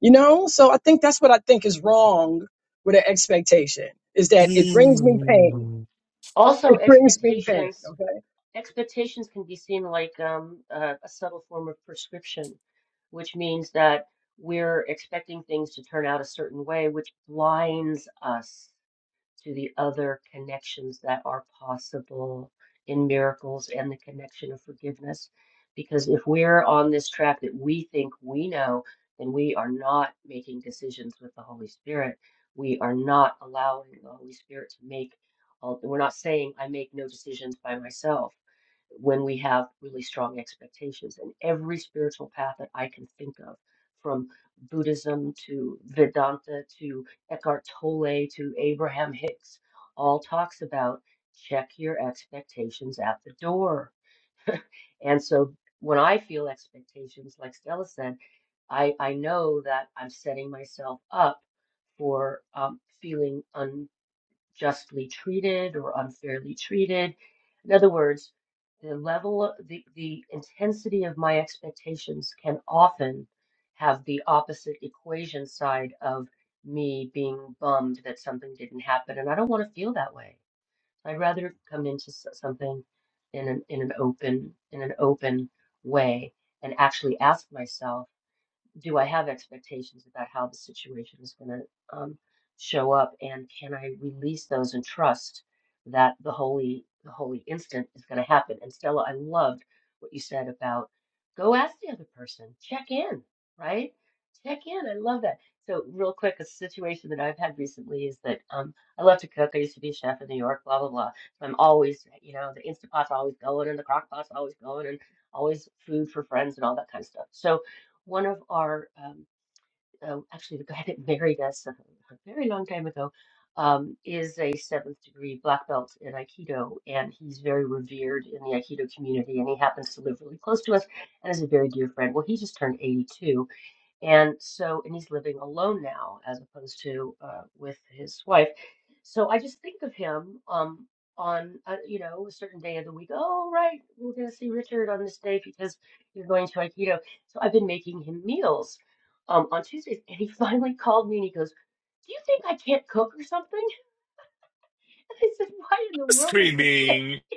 Speaker 3: You know. So I think that's what I think is wrong with an expectation is that it brings me
Speaker 1: Mm.
Speaker 3: pain. [LAUGHS]
Speaker 4: Also,
Speaker 3: It brings me pain.
Speaker 4: expectations.
Speaker 3: Okay,
Speaker 4: Expectations can be seen like um, a, a subtle form of prescription, which means that we're expecting things to turn out a certain way, which blinds us to the other connections that are possible in miracles and the connection of forgiveness. Because if we're on this track that we think we know, then we are not making decisions with the Holy Spirit. We are not allowing the Holy Spirit to make, all- we're not saying, I make no decisions by myself when we have really strong expectations. And every spiritual path that I can think of, from Buddhism to Vedanta to Eckhart Tolle to Abraham Hicks, all talks about check your expectations at the door. And so when I feel expectations, like Stella said, I, I know that I'm setting myself up for um, feeling un, justly treated or unfairly treated. In other words, the level, the, the intensity of my expectations can often have the opposite equation side of me being bummed that something didn't happen. And I don't want to feel that way. I'd rather come into s- something in an, in an open, in an open way and actually ask myself do I have expectations about how the situation is going to um, show up, and can I release those and trust that the holy the holy instant is going to happen? And Stella, I loved what you said about go ask the other person, check in, right? Check in. I love that. So real quick, a situation that I've had recently is that um, I love to cook. I used to be a chef in New York, blah blah blah. So I'm always, you know, the Instant pots always going and the crock pot's always going and always food for friends and all that kind of stuff. So one of our um, uh, actually the guy [LAUGHS] that married us a, a very long time ago um, is a seventh degree black belt in aikido and he's very revered in the aikido community and he happens to live really close to us and is a very dear friend well he just turned 82 and so, and he's living alone now as opposed to uh, with his wife. So I just think of him um, on, uh, you know, a certain day of the week. Oh, right, we're going to see Richard on this day because you're going to Aikido. So I've been making him meals um, on Tuesdays. And he [LAUGHS] finally called me and he goes, Do you think I can't cook or something? [LAUGHS] And I said, why in the world would you say?
Speaker 1: screaming.
Speaker 4: [LAUGHS]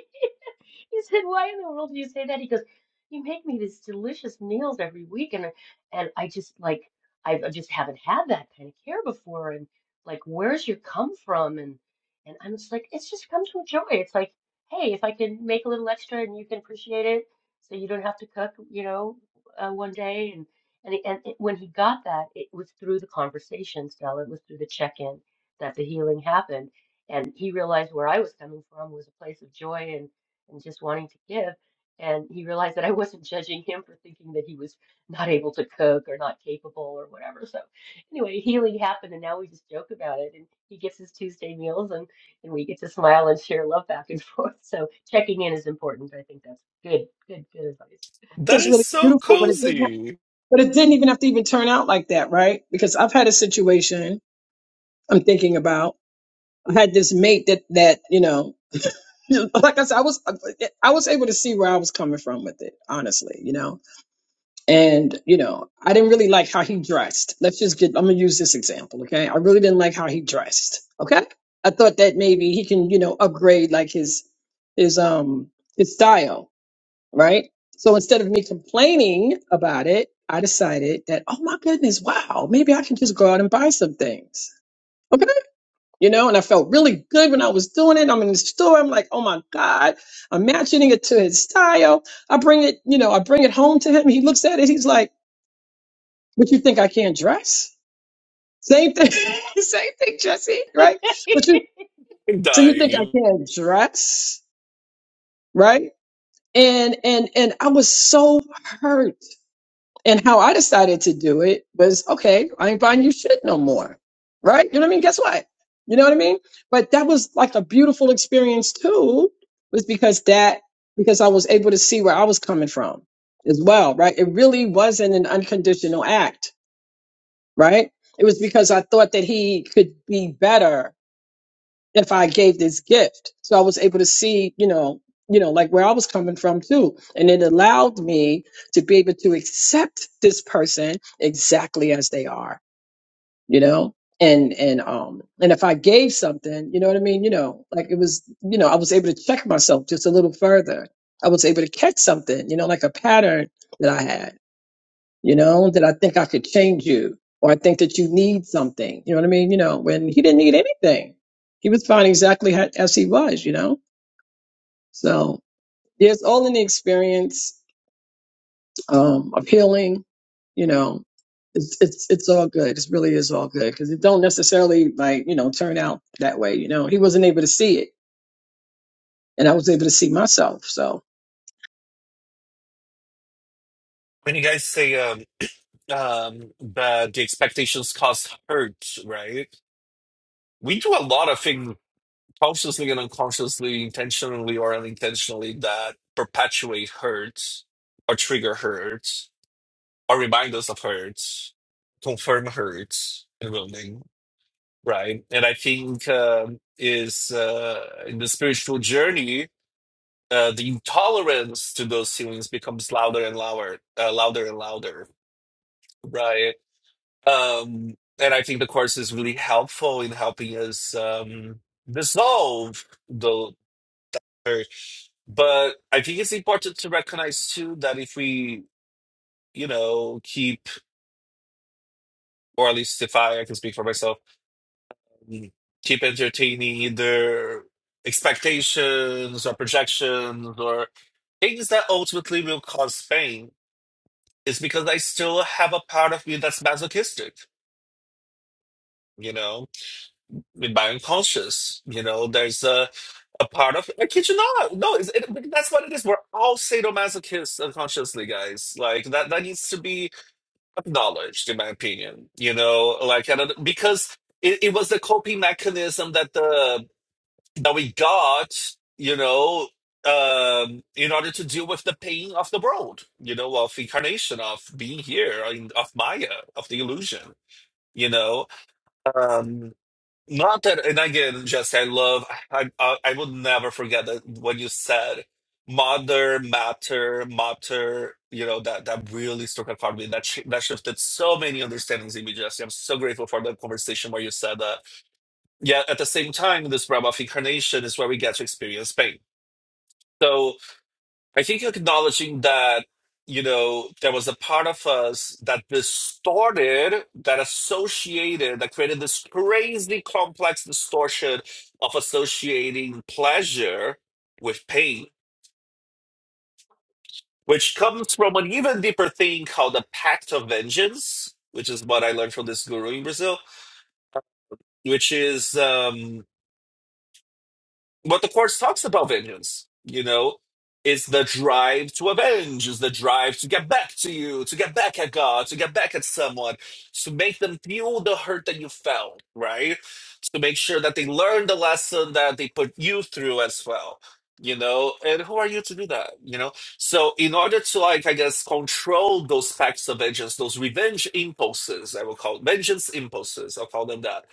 Speaker 4: He said, why in the world do you say that? He goes, you make me these delicious meals every week, and I- and I just like I I just haven't had that kind of care before, and like where's your come from? And and I'm just like, it's just comes from joy. It's like, hey, if I can make a little extra and you can appreciate it, so you don't have to cook, you know, uh, one day. And and he- and it, when he got that, it was through the conversation, Stella. It was through the check-in that the healing happened and he realized where I was coming from was a place of joy and and just wanting to give and he realized that I wasn't judging him for thinking that he was not able to cook or not capable or whatever so anyway healing happened and now we just joke about it and he gets his Tuesday meals and and we get to smile and share love back and [LAUGHS] forth so checking in is important I think that's good good good advice
Speaker 1: That
Speaker 3: that's
Speaker 1: is
Speaker 3: really
Speaker 1: so
Speaker 3: beautiful, but it didn't. Have,
Speaker 1: cozy.
Speaker 3: but it didn't even have to even turn out like that, right? Because I've had a situation I'm thinking about. I had this mate that that you know. [LAUGHS] like I said, I was I was able to see where I was coming from with it, honestly, you know. And you know, I didn't really like how he dressed. Let's just get. I'm gonna use this example, okay? I really didn't like how he dressed. Okay, I thought that maybe he can, you know, upgrade like his his um his style, right? So instead of me complaining about it, I decided that oh my goodness, wow, maybe I can just go out and buy some things. Okay you know, and I felt really good when I was doing it. I'm in the store. I'm like, oh my God, I'm matching it to his style. I bring it, you know, I bring it home to him. He looks at it. He's like, but you think I can't dress? Same thing, [LAUGHS] same thing, Jesse, right?
Speaker 4: [LAUGHS]
Speaker 3: But you,
Speaker 1: I'm
Speaker 3: so you think I
Speaker 1: dying.
Speaker 3: can't dress, right? And, and, and I was so hurt And how I decided to do it was, okay, I ain't buying you shit no more. Right? You know what I mean? Guess what? You know what I mean? But that was like a beautiful experience too, was because that, because I was able to see where I was coming from as well. Right? It really wasn't an unconditional act. Right? It was because I thought that he could be better if I gave this gift. So I was able to see, you know, you know, like where I was coming from too. And it allowed me to be able to accept this person exactly as they are, you know? And and um and if I gave something, you know what I mean, you know, like it was, you know, I was able to check myself just a little further. I was able to catch something, you know, like a pattern that I had you know, that I think I could change you, or I think that you need something. You know what I mean? You know, when he didn't need anything, he was fine exactly ha- as he was, you know? So, yeah, it's all in the experience um, of healing, you know. It's, it's it's all good. It really is all good because it don't necessarily like you know turn out that way. You know he wasn't able to see it, and I was able to see myself. So
Speaker 1: When you guys say um [CLEARS THROAT] um that the expectations cause hurt, right? We do a lot of things consciously and unconsciously, intentionally or unintentionally that perpetuate hurt or trigger hurt or remind us of hurt, confirm hurt and wounding, right? And I think um, is uh, in the spiritual journey uh, the intolerance to those feelings becomes louder and louder, uh, louder and louder, right? Um, and I think the course is really helpful in helping us um, dissolve the hurt. But I think it's important to recognize too that if we, you know, keep, or at least if I, I can speak for myself, mm, keep entertaining either expectations or projections or things that ultimately will cause pain It's because I still have a part of me that's masochistic, you know, with my unconscious. You know, there's a a part of I kid you not. No, it's, it, but that's what it is. We're all sadomasochists unconsciously, guys. Like that that needs to be acknowledged, in my opinion. You know, like I don't, because it, it was the coping mechanism that the that we got, you know, um, in order to deal with the pain of the world, you know, of incarnation, of being here, uh, in- of Maya, of the illusion, you know. Um, not that, and again, Jesse, I love, I, I, I will never forget that when you said mother, matter, matter, you know, that, that really stuck out for me. That, sh- that shifted so many understandings in me, Jesse. I'm so grateful for the conversation where you said that Yet at the same time, this realm of incarnation is where we get to experience pain. So I think acknowledging that, you know, there was a part of us that distorted, that associated, that created this crazy complex distortion of associating pleasure with pain, which comes from an even deeper thing called the pact of vengeance, which is what I learned from this guru in Brazil, which is um what the course talks about vengeance you know is the drive to avenge is the drive to get back to you to get back at god to get back at someone to make them feel the hurt that you felt right to make sure that they learn the lesson that they put you through as well you know and who are you to do that you know so in order to like i guess control those facts of vengeance those revenge impulses i will call it vengeance impulses i'll call them that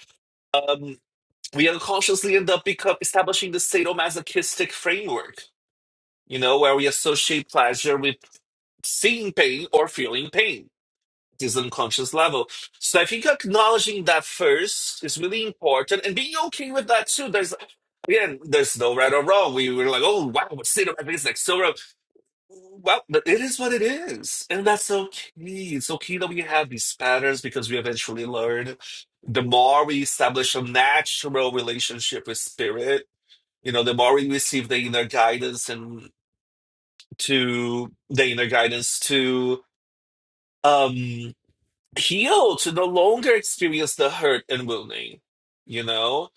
Speaker 1: Um, we unconsciously end up become establishing the sadomasochistic framework, you know, where we associate pleasure with seeing pain or feeling pain, this unconscious level. So I think acknowledging that first is really important and being okay with that too. There's again, there's no right or wrong. We were like, oh wow, what sadomasochism is like so wrong. Well, but it is what it is. And that's okay. It's okay that we have these patterns because we eventually learn the more we establish a natural relationship with spirit you know, the more we receive the inner guidance and to the inner guidance to um heal, to no longer experience the hurt and wounding, you know?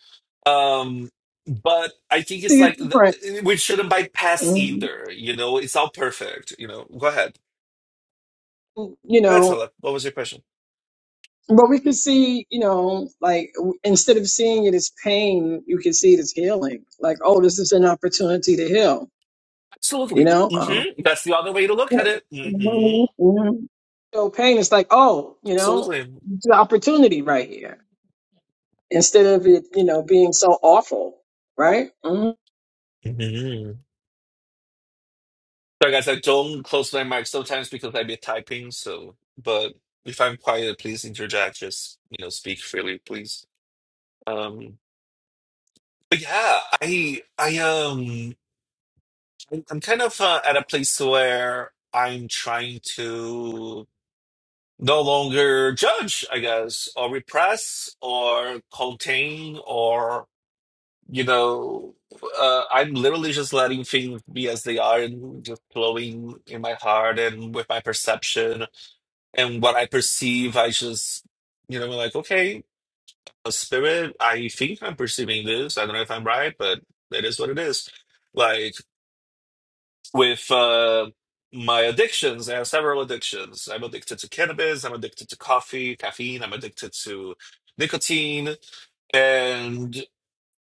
Speaker 1: Um but I think it's
Speaker 3: see it
Speaker 1: like
Speaker 3: different.
Speaker 1: th- we shouldn't bypass
Speaker 3: You
Speaker 1: either, you know, it's all perfect, you know. Go ahead. That's
Speaker 3: know
Speaker 1: all. What was your question?
Speaker 3: But we can see, you know, like w- instead of seeing it as pain, you can see it as healing. Like, oh, this is an opportunity to heal. You
Speaker 1: Absolutely.
Speaker 3: know, um,
Speaker 1: hmm That's the other way to look at it. hmm
Speaker 3: Mhm, mhm. so pain is like, oh, you know,
Speaker 1: Absolutely.
Speaker 3: it's an opportunity right here. Instead of it, you know, being so awful, right? hmm
Speaker 1: Sorry, guys, I don't close my mic sometimes because I be typing. So, but if I'm quiet, please interject. Just you know, speak freely, please. Um, but yeah, I I um I'm I'm kind of uh, at a place where I'm trying to no longer judge, I guess, or repress, or contain, or you know, uh, I'm literally just letting things be as they are and just flowing in my heart and with my perception and what I perceive, I just, you know, like, okay, a spirit, I think I'm perceiving this. I don't know if I'm right, but it is what it is. Like with uh, my addictions, I have several addictions. I'm addicted to cannabis, I'm addicted to coffee, caffeine, I'm addicted to nicotine, and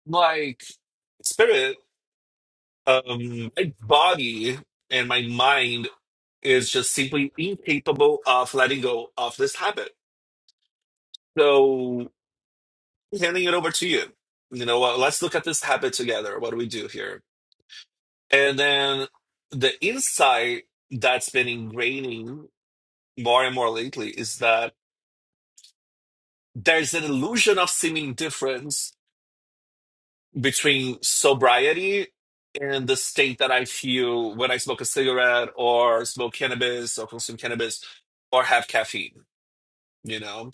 Speaker 1: like spirit, um, my body and my mind is just simply incapable of letting go of this habit. So handing it over to you. You know what? Let's look at this habit together. What do we do here? And then the insight that's been ingraining more and more lately is that there's an illusion of seeming difference between sobriety and the state that I feel when I smoke a cigarette or smoke cannabis or consume cannabis or have caffeine. You know,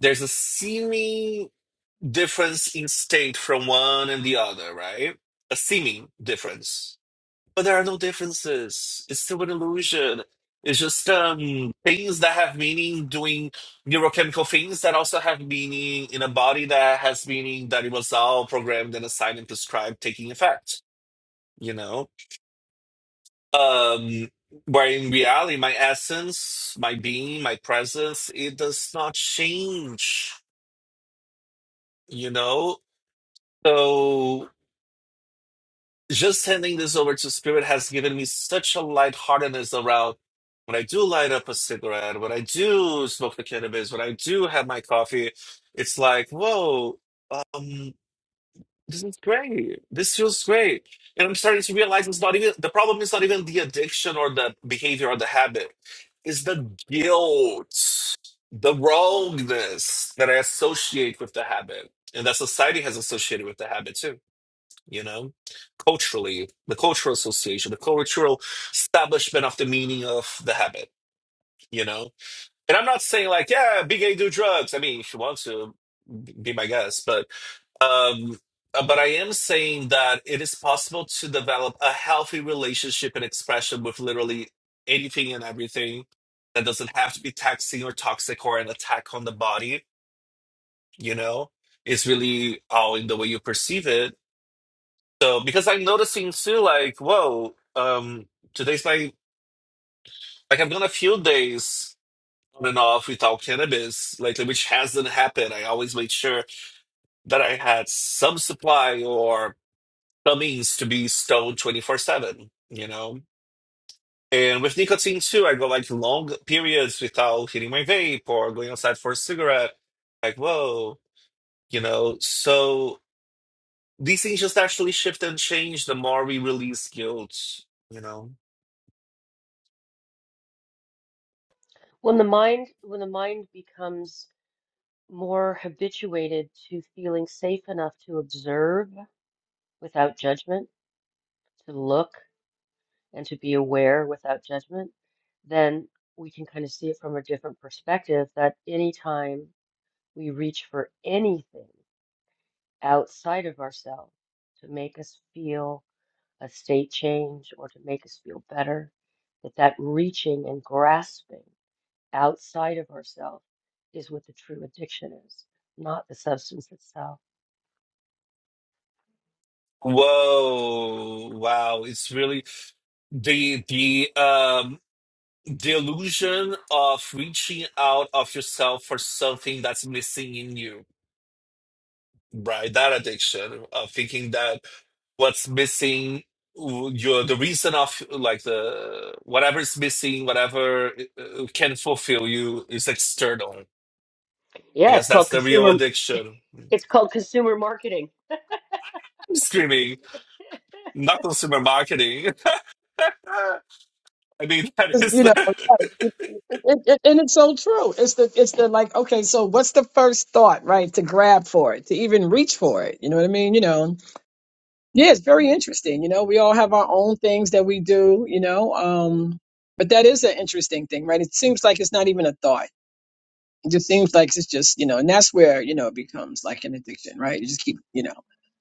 Speaker 1: there's a seeming difference in state from one and the other, right? a seeming difference But there are no differences. It's still an illusion. It's just um things that have meaning doing neurochemical things that also have meaning in a body that has meaning that it was all programmed and assigned and prescribed taking effect, you know? Um where in reality my essence, my being, my presence, it does not change, you know? so. just handing this over to Spirit has given me such a lightheartedness around when I do light up a cigarette, when I do smoke the cannabis, when I do have my coffee, it's like, whoa, um, this is great. This feels great. And I'm starting to realize it's not even the problem is not even the addiction or the behavior or the habit. It's the guilt, the wrongness that I associate with the habit. And that society has associated with the habit too you know, culturally, the cultural association, the cultural establishment of the meaning of the habit, you know. And I'm not saying like, yeah, be gay, do drugs. I mean, if you want to, be my guest, but um, uh, but I am saying that it is possible to develop a healthy relationship and expression with literally anything and everything that doesn't have to be taxing or toxic or an attack on the body, you know. It's really all in the way you perceive it so because I'm noticing too, like, whoa, um, today's my like I've done a few days on and off without cannabis lately, which hasn't happened. I always make sure that I had some supply or some means to be stoned 24/7, you know? And with nicotine too, I go like long periods without hitting my vape or going outside for a cigarette. Like, whoa, you know, so these things just actually shift and change the more we release guilt, you know?
Speaker 4: when the mind when the mind becomes more habituated to feeling safe enough to observe without judgment, to look and to be aware without judgment, then we can kind of see it from a different perspective that anytime we reach for anything outside of ourselves to make us feel a state change or to make us feel better, that that reaching and grasping outside of ourselves is what the true addiction is, not the substance itself.
Speaker 1: Whoa, wow, it's really the the um the illusion of reaching out of yourself for something that's missing in you, right? That addiction of thinking that what's missing w- your the reason of like the whatever is missing, whatever uh, uh, can fulfill you is external. I
Speaker 4: Yeah, it's
Speaker 1: guess that's
Speaker 4: called
Speaker 1: the real
Speaker 4: consumer [LAUGHS]
Speaker 1: addiction. I'm
Speaker 4: it's called consumer marketing.
Speaker 1: screaming,
Speaker 4: [LAUGHS]
Speaker 1: not consumer marketing. [LAUGHS] I mean, that is
Speaker 3: You know, like,
Speaker 1: that.
Speaker 3: right. It- it- it- and it's so true. It's the, it's the like, okay, so what's the first thought, right? To grab for it, to even reach for it. You know what I mean? You know, Yeah, it's very interesting. You know, we all have our own things that we do, you know. Um, but that is an interesting thing, right? It seems like it's not even a thought. It just seems like it's just, you know, and that's where, you know, it becomes like an addiction, right? You just keep, you know,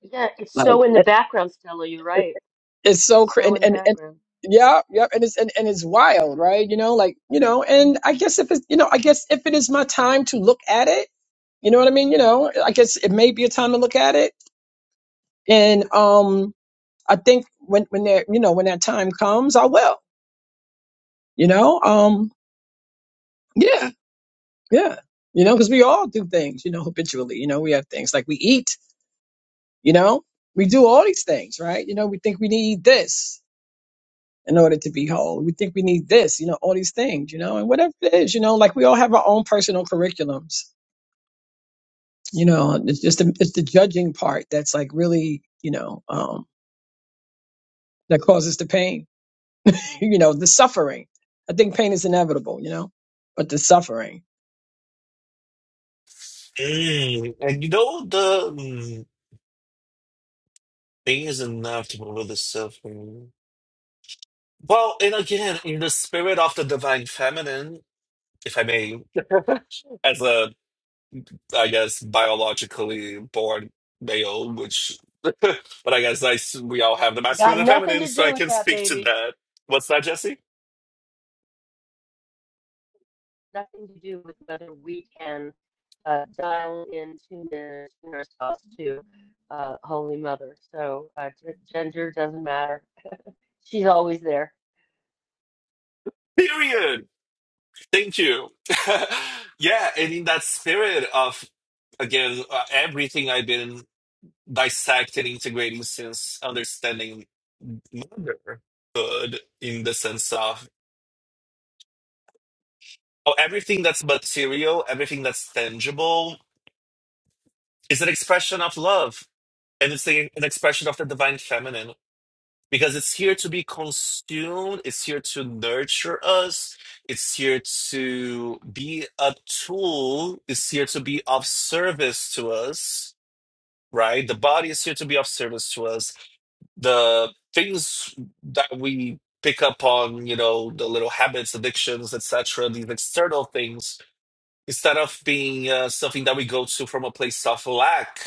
Speaker 4: Yeah, it's
Speaker 3: like
Speaker 4: so in the
Speaker 3: it,
Speaker 4: background, Stella. You're
Speaker 3: it-
Speaker 4: right.
Speaker 3: it's so
Speaker 4: It's
Speaker 3: cra-
Speaker 4: so
Speaker 3: and
Speaker 4: in the
Speaker 3: and and
Speaker 4: background.
Speaker 3: yeah, yeah, and it's and, and it's wild, right? You know, like, you know, and I guess if it's, you know, I guess if it is my time to look at it, you know what I mean? You know, I guess it may be a time to look at it. And um I think when when that you know when that time comes, I will. You know, um, yeah, yeah. You know, because we all do things. You know, habitually. You know, we have things like we eat. You know, we do all these things, right? You know, we think we need this in order to be whole. We think we need this. You know, all these things. You know, and whatever it is, you know, like we all have our own personal curriculums. You know, it's just the, it's the judging part that's like really you know um, that causes the pain. [LAUGHS] you know, the suffering. I think pain is inevitable. You know, but the suffering.
Speaker 1: Mm, and you know the mm, thing is enough to remove the suffering. Well, and again, in the spirit of the divine feminine, if I may, as a I guess biologically born male, which [LAUGHS] but I guess I s- we all have the masculine
Speaker 4: Got
Speaker 1: and
Speaker 4: nothing
Speaker 1: feminine,
Speaker 4: to
Speaker 1: so
Speaker 4: do
Speaker 1: I
Speaker 4: with
Speaker 1: can
Speaker 4: that,
Speaker 1: speak to
Speaker 4: baby.
Speaker 1: that. What's that, Jesse?
Speaker 4: Nothing to do with whether we can uh, dial in, tune in, tune ourselves to uh, Holy Mother. So uh, g- gender doesn't matter. She's always there.
Speaker 1: Period. Thank you. [LAUGHS] yeah, and in that spirit of again uh, everything I've been dissect and integrating since understanding motherhood in the sense of oh, everything that's material, everything that's tangible is an expression of love. And it's a, an expression of the divine feminine because it's here to be consumed, it's here to nurture us, it's here to be a tool, it's here to be of service to us, right? The body is here to be of service to us the things that we pick up on, you know, the little habits, addictions, etc., these external things, instead of being uh, something that we go to from a place of lack,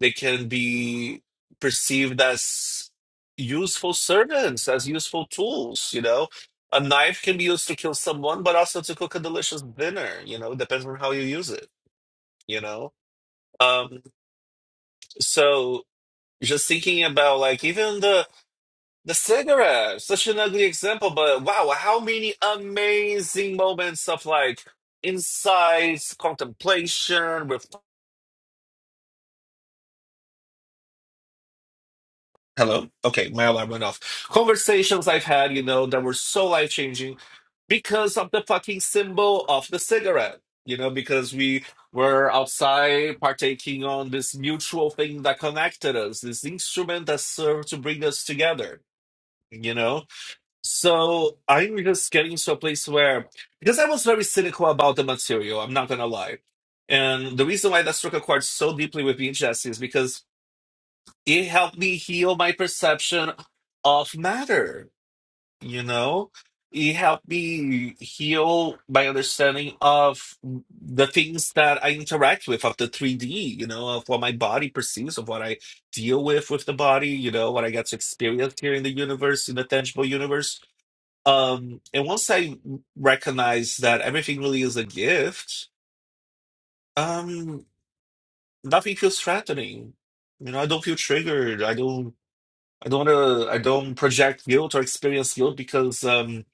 Speaker 1: they can be perceived as useful servants, as useful tools, you know. A knife can be used to kill someone, but also to cook a delicious dinner, you know, depends on how you use it, you know. Um, so just thinking about like even the The cigarette, such an ugly example, but wow, how many amazing moments of like insights, contemplation, ref Hello. Okay, my alarm went off. Conversations I've had, you know, that were so life changing because of the fucking symbol of the cigarette. You know, because we were outside partaking on this mutual thing that connected us, this instrument that served to bring us together. You know, So I'm just getting to a place where, because I was very cynical about the material, I'm not gonna lie. And the reason why that struck a chord so deeply with me, Jesse, is because it helped me heal my perception of matter, you know? It helped me heal my understanding of the things that I interact with, of the 3D, you know, of what my body perceives, of what I deal with with the body, you know, what I get to experience here in the universe, in the tangible universe um and once i recognize that everything really is a gift um nothing feels threatening you know i don't feel triggered i don't i don't wanna i don't project guilt or experience guilt because um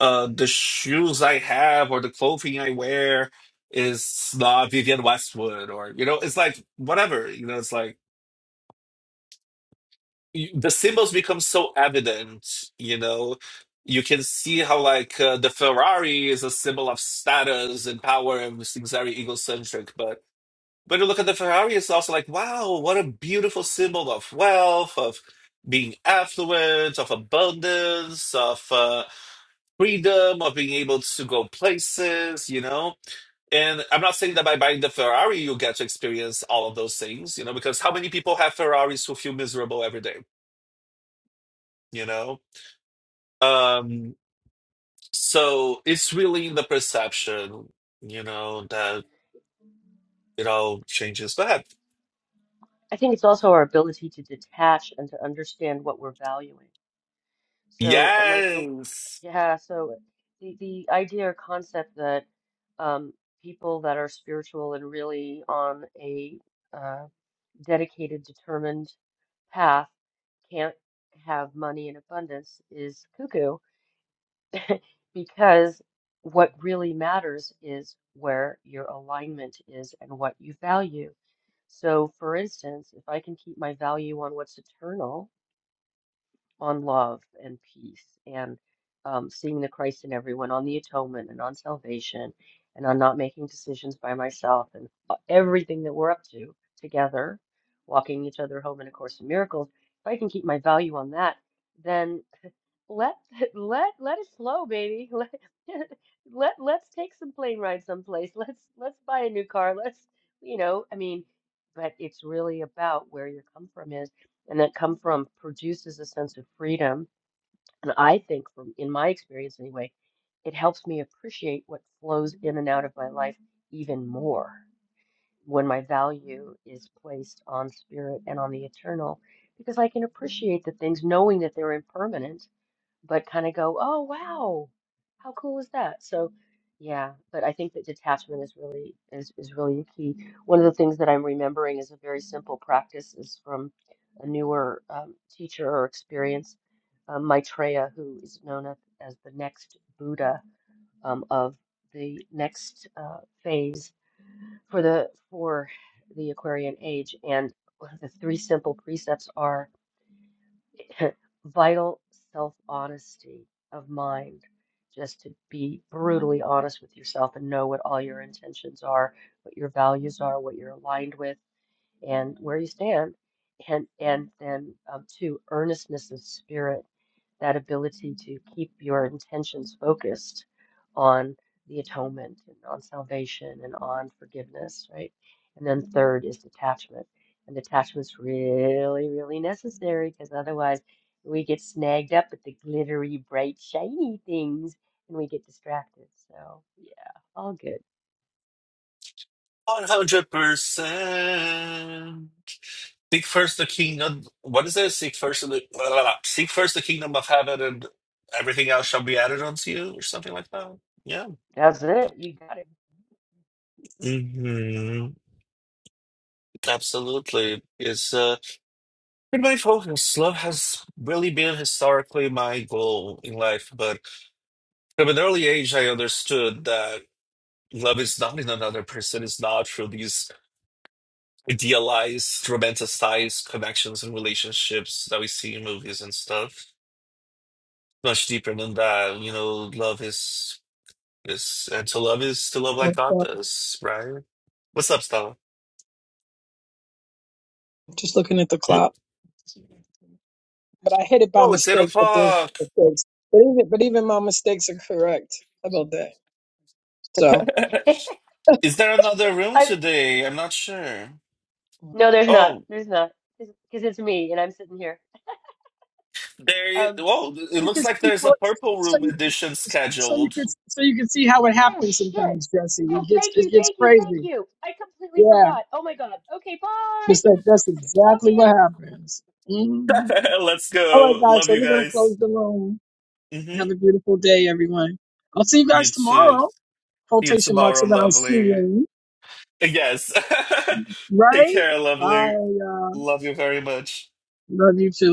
Speaker 1: uh the shoes i have or the clothing i wear is not vivian westwood or you know it's like whatever you know it's like you- the symbols become so evident you know you can see how like uh, the ferrari is a symbol of status and power and seems very egocentric but when you look at the ferrari it's also like wow what a beautiful symbol of wealth of being affluent of abundance of uh, freedom of being able to go places you know and i'm not saying that by buying the ferrari you get to experience all of those things you know because how many people have ferraris who feel miserable every day you know Um, so it's really the perception, you know, that it all changes. But
Speaker 4: I think it's also our ability to detach and to understand what we're valuing. So another,
Speaker 1: Yes,
Speaker 4: yeah, so the the idea or concept that um, people that are spiritual and really on a uh, dedicated, determined path can't have money in abundance is cuckoo because what really matters is where your alignment is and what you value. So, for instance, if I can keep my value on what's eternal, on love and peace and um, seeing the Christ in everyone, on the atonement and on salvation, and on not making decisions by myself and uh, everything that we're up to together, walking each other home in A Course in Miracles. If I can keep my value on that, then. Let [LAUGHS] let let it slow, baby. [LAUGHS] Let let let's take some plane rides someplace. [LAUGHS] Let's let's buy a new car. Let's, you know, I mean, but it's really about where your come from is, and that come from produces a sense of freedom. And I think from in my experience anyway, it helps me appreciate what flows in and out of my life even more when my value is placed on spirit and on the eternal, because I can appreciate the things knowing that they're impermanent but kind of go, oh, wow, how cool is that? So, yeah, but I think that detachment is really is, is really key. One of the things that I'm remembering is a very simple practice is from a newer um, teacher or experience, um, Maitreya, who is known as, as the next Buddha um, of the next uh, phase for the for the Aquarian age. And the three simple precepts are. [LAUGHS] vital self honesty of mind, just to be brutally honest with yourself and know what all your intentions are, what your values are, what you're aligned with and where you stand and and then um, two earnestness of spirit that ability to keep your intentions focused on the atonement and on salvation and on forgiveness right and then third is detachment and detachment's really really necessary because otherwise we get snagged up with the glittery bright shiny things and we get distracted so yeah all good
Speaker 1: one hundred percent. Seek first the kingdom. What is it? Seek first the blah, blah, blah. seek first the kingdom of heaven, and everything else shall be added unto you, or something like that. Yeah.
Speaker 4: that's it you got
Speaker 1: hmm Absolutely. It's uh, been my focus. Love has really been historically my goal in life, but. From an early age, I understood that love is not in another person, it's not through these idealized, romanticized connections and relationships that we see in movies and stuff. Much deeper than that, you know, love is is and to love is to love like God
Speaker 3: Okay.
Speaker 1: does, right? What's up, Stella?
Speaker 3: Just looking at the
Speaker 1: Hmm?
Speaker 3: clock, but I hit it by
Speaker 1: Oh, it's eight
Speaker 3: mistake. But there's
Speaker 1: o'clock.
Speaker 3: mistakes. But even but even my mistakes are correct. How about that? So
Speaker 1: [LAUGHS]
Speaker 4: it
Speaker 1: Is there another
Speaker 4: [LAUGHS]
Speaker 1: room
Speaker 4: I.
Speaker 1: today? I'm not sure.
Speaker 4: No, there's not.
Speaker 1: Oh,
Speaker 4: There's not. Because it's me and I'm sitting here.
Speaker 1: there. It,
Speaker 4: Um,
Speaker 1: oh, it
Speaker 3: you
Speaker 1: looks
Speaker 3: can
Speaker 1: like
Speaker 3: see
Speaker 1: there's a
Speaker 3: how it,
Speaker 1: purple
Speaker 3: so
Speaker 1: room
Speaker 3: you
Speaker 1: edition
Speaker 3: so you
Speaker 1: scheduled.
Speaker 3: can so you can see how it
Speaker 4: oh,
Speaker 3: happens
Speaker 4: shit.
Speaker 3: sometimes, Jesse.
Speaker 4: Oh,
Speaker 3: It gets
Speaker 4: thank
Speaker 3: it
Speaker 4: you,
Speaker 3: gets
Speaker 4: thank you, thank
Speaker 3: crazy.
Speaker 4: you. I completely
Speaker 3: Yeah.
Speaker 4: forgot. Oh my God. Okay, bye.
Speaker 3: Just like that's
Speaker 4: [LAUGHS] Love
Speaker 3: exactly
Speaker 4: you.
Speaker 3: what happens. hmm
Speaker 1: [LAUGHS] Let's
Speaker 3: All right,
Speaker 1: go.
Speaker 3: guys.
Speaker 1: Love
Speaker 3: So
Speaker 1: you
Speaker 3: we're gonna close
Speaker 1: guys.
Speaker 3: the room.
Speaker 1: hmm
Speaker 3: Have a beautiful day, everyone. I'll see you
Speaker 1: You
Speaker 3: guys
Speaker 1: too.
Speaker 3: tomorrow.
Speaker 1: You
Speaker 3: Quotation marks
Speaker 1: tomorrow,
Speaker 3: around
Speaker 1: lovely.
Speaker 3: seeing.
Speaker 1: Yes. [LAUGHS] Take
Speaker 3: Right?
Speaker 1: care, lovely.
Speaker 3: Bye. Uh,
Speaker 1: Love you very much.
Speaker 3: love you too.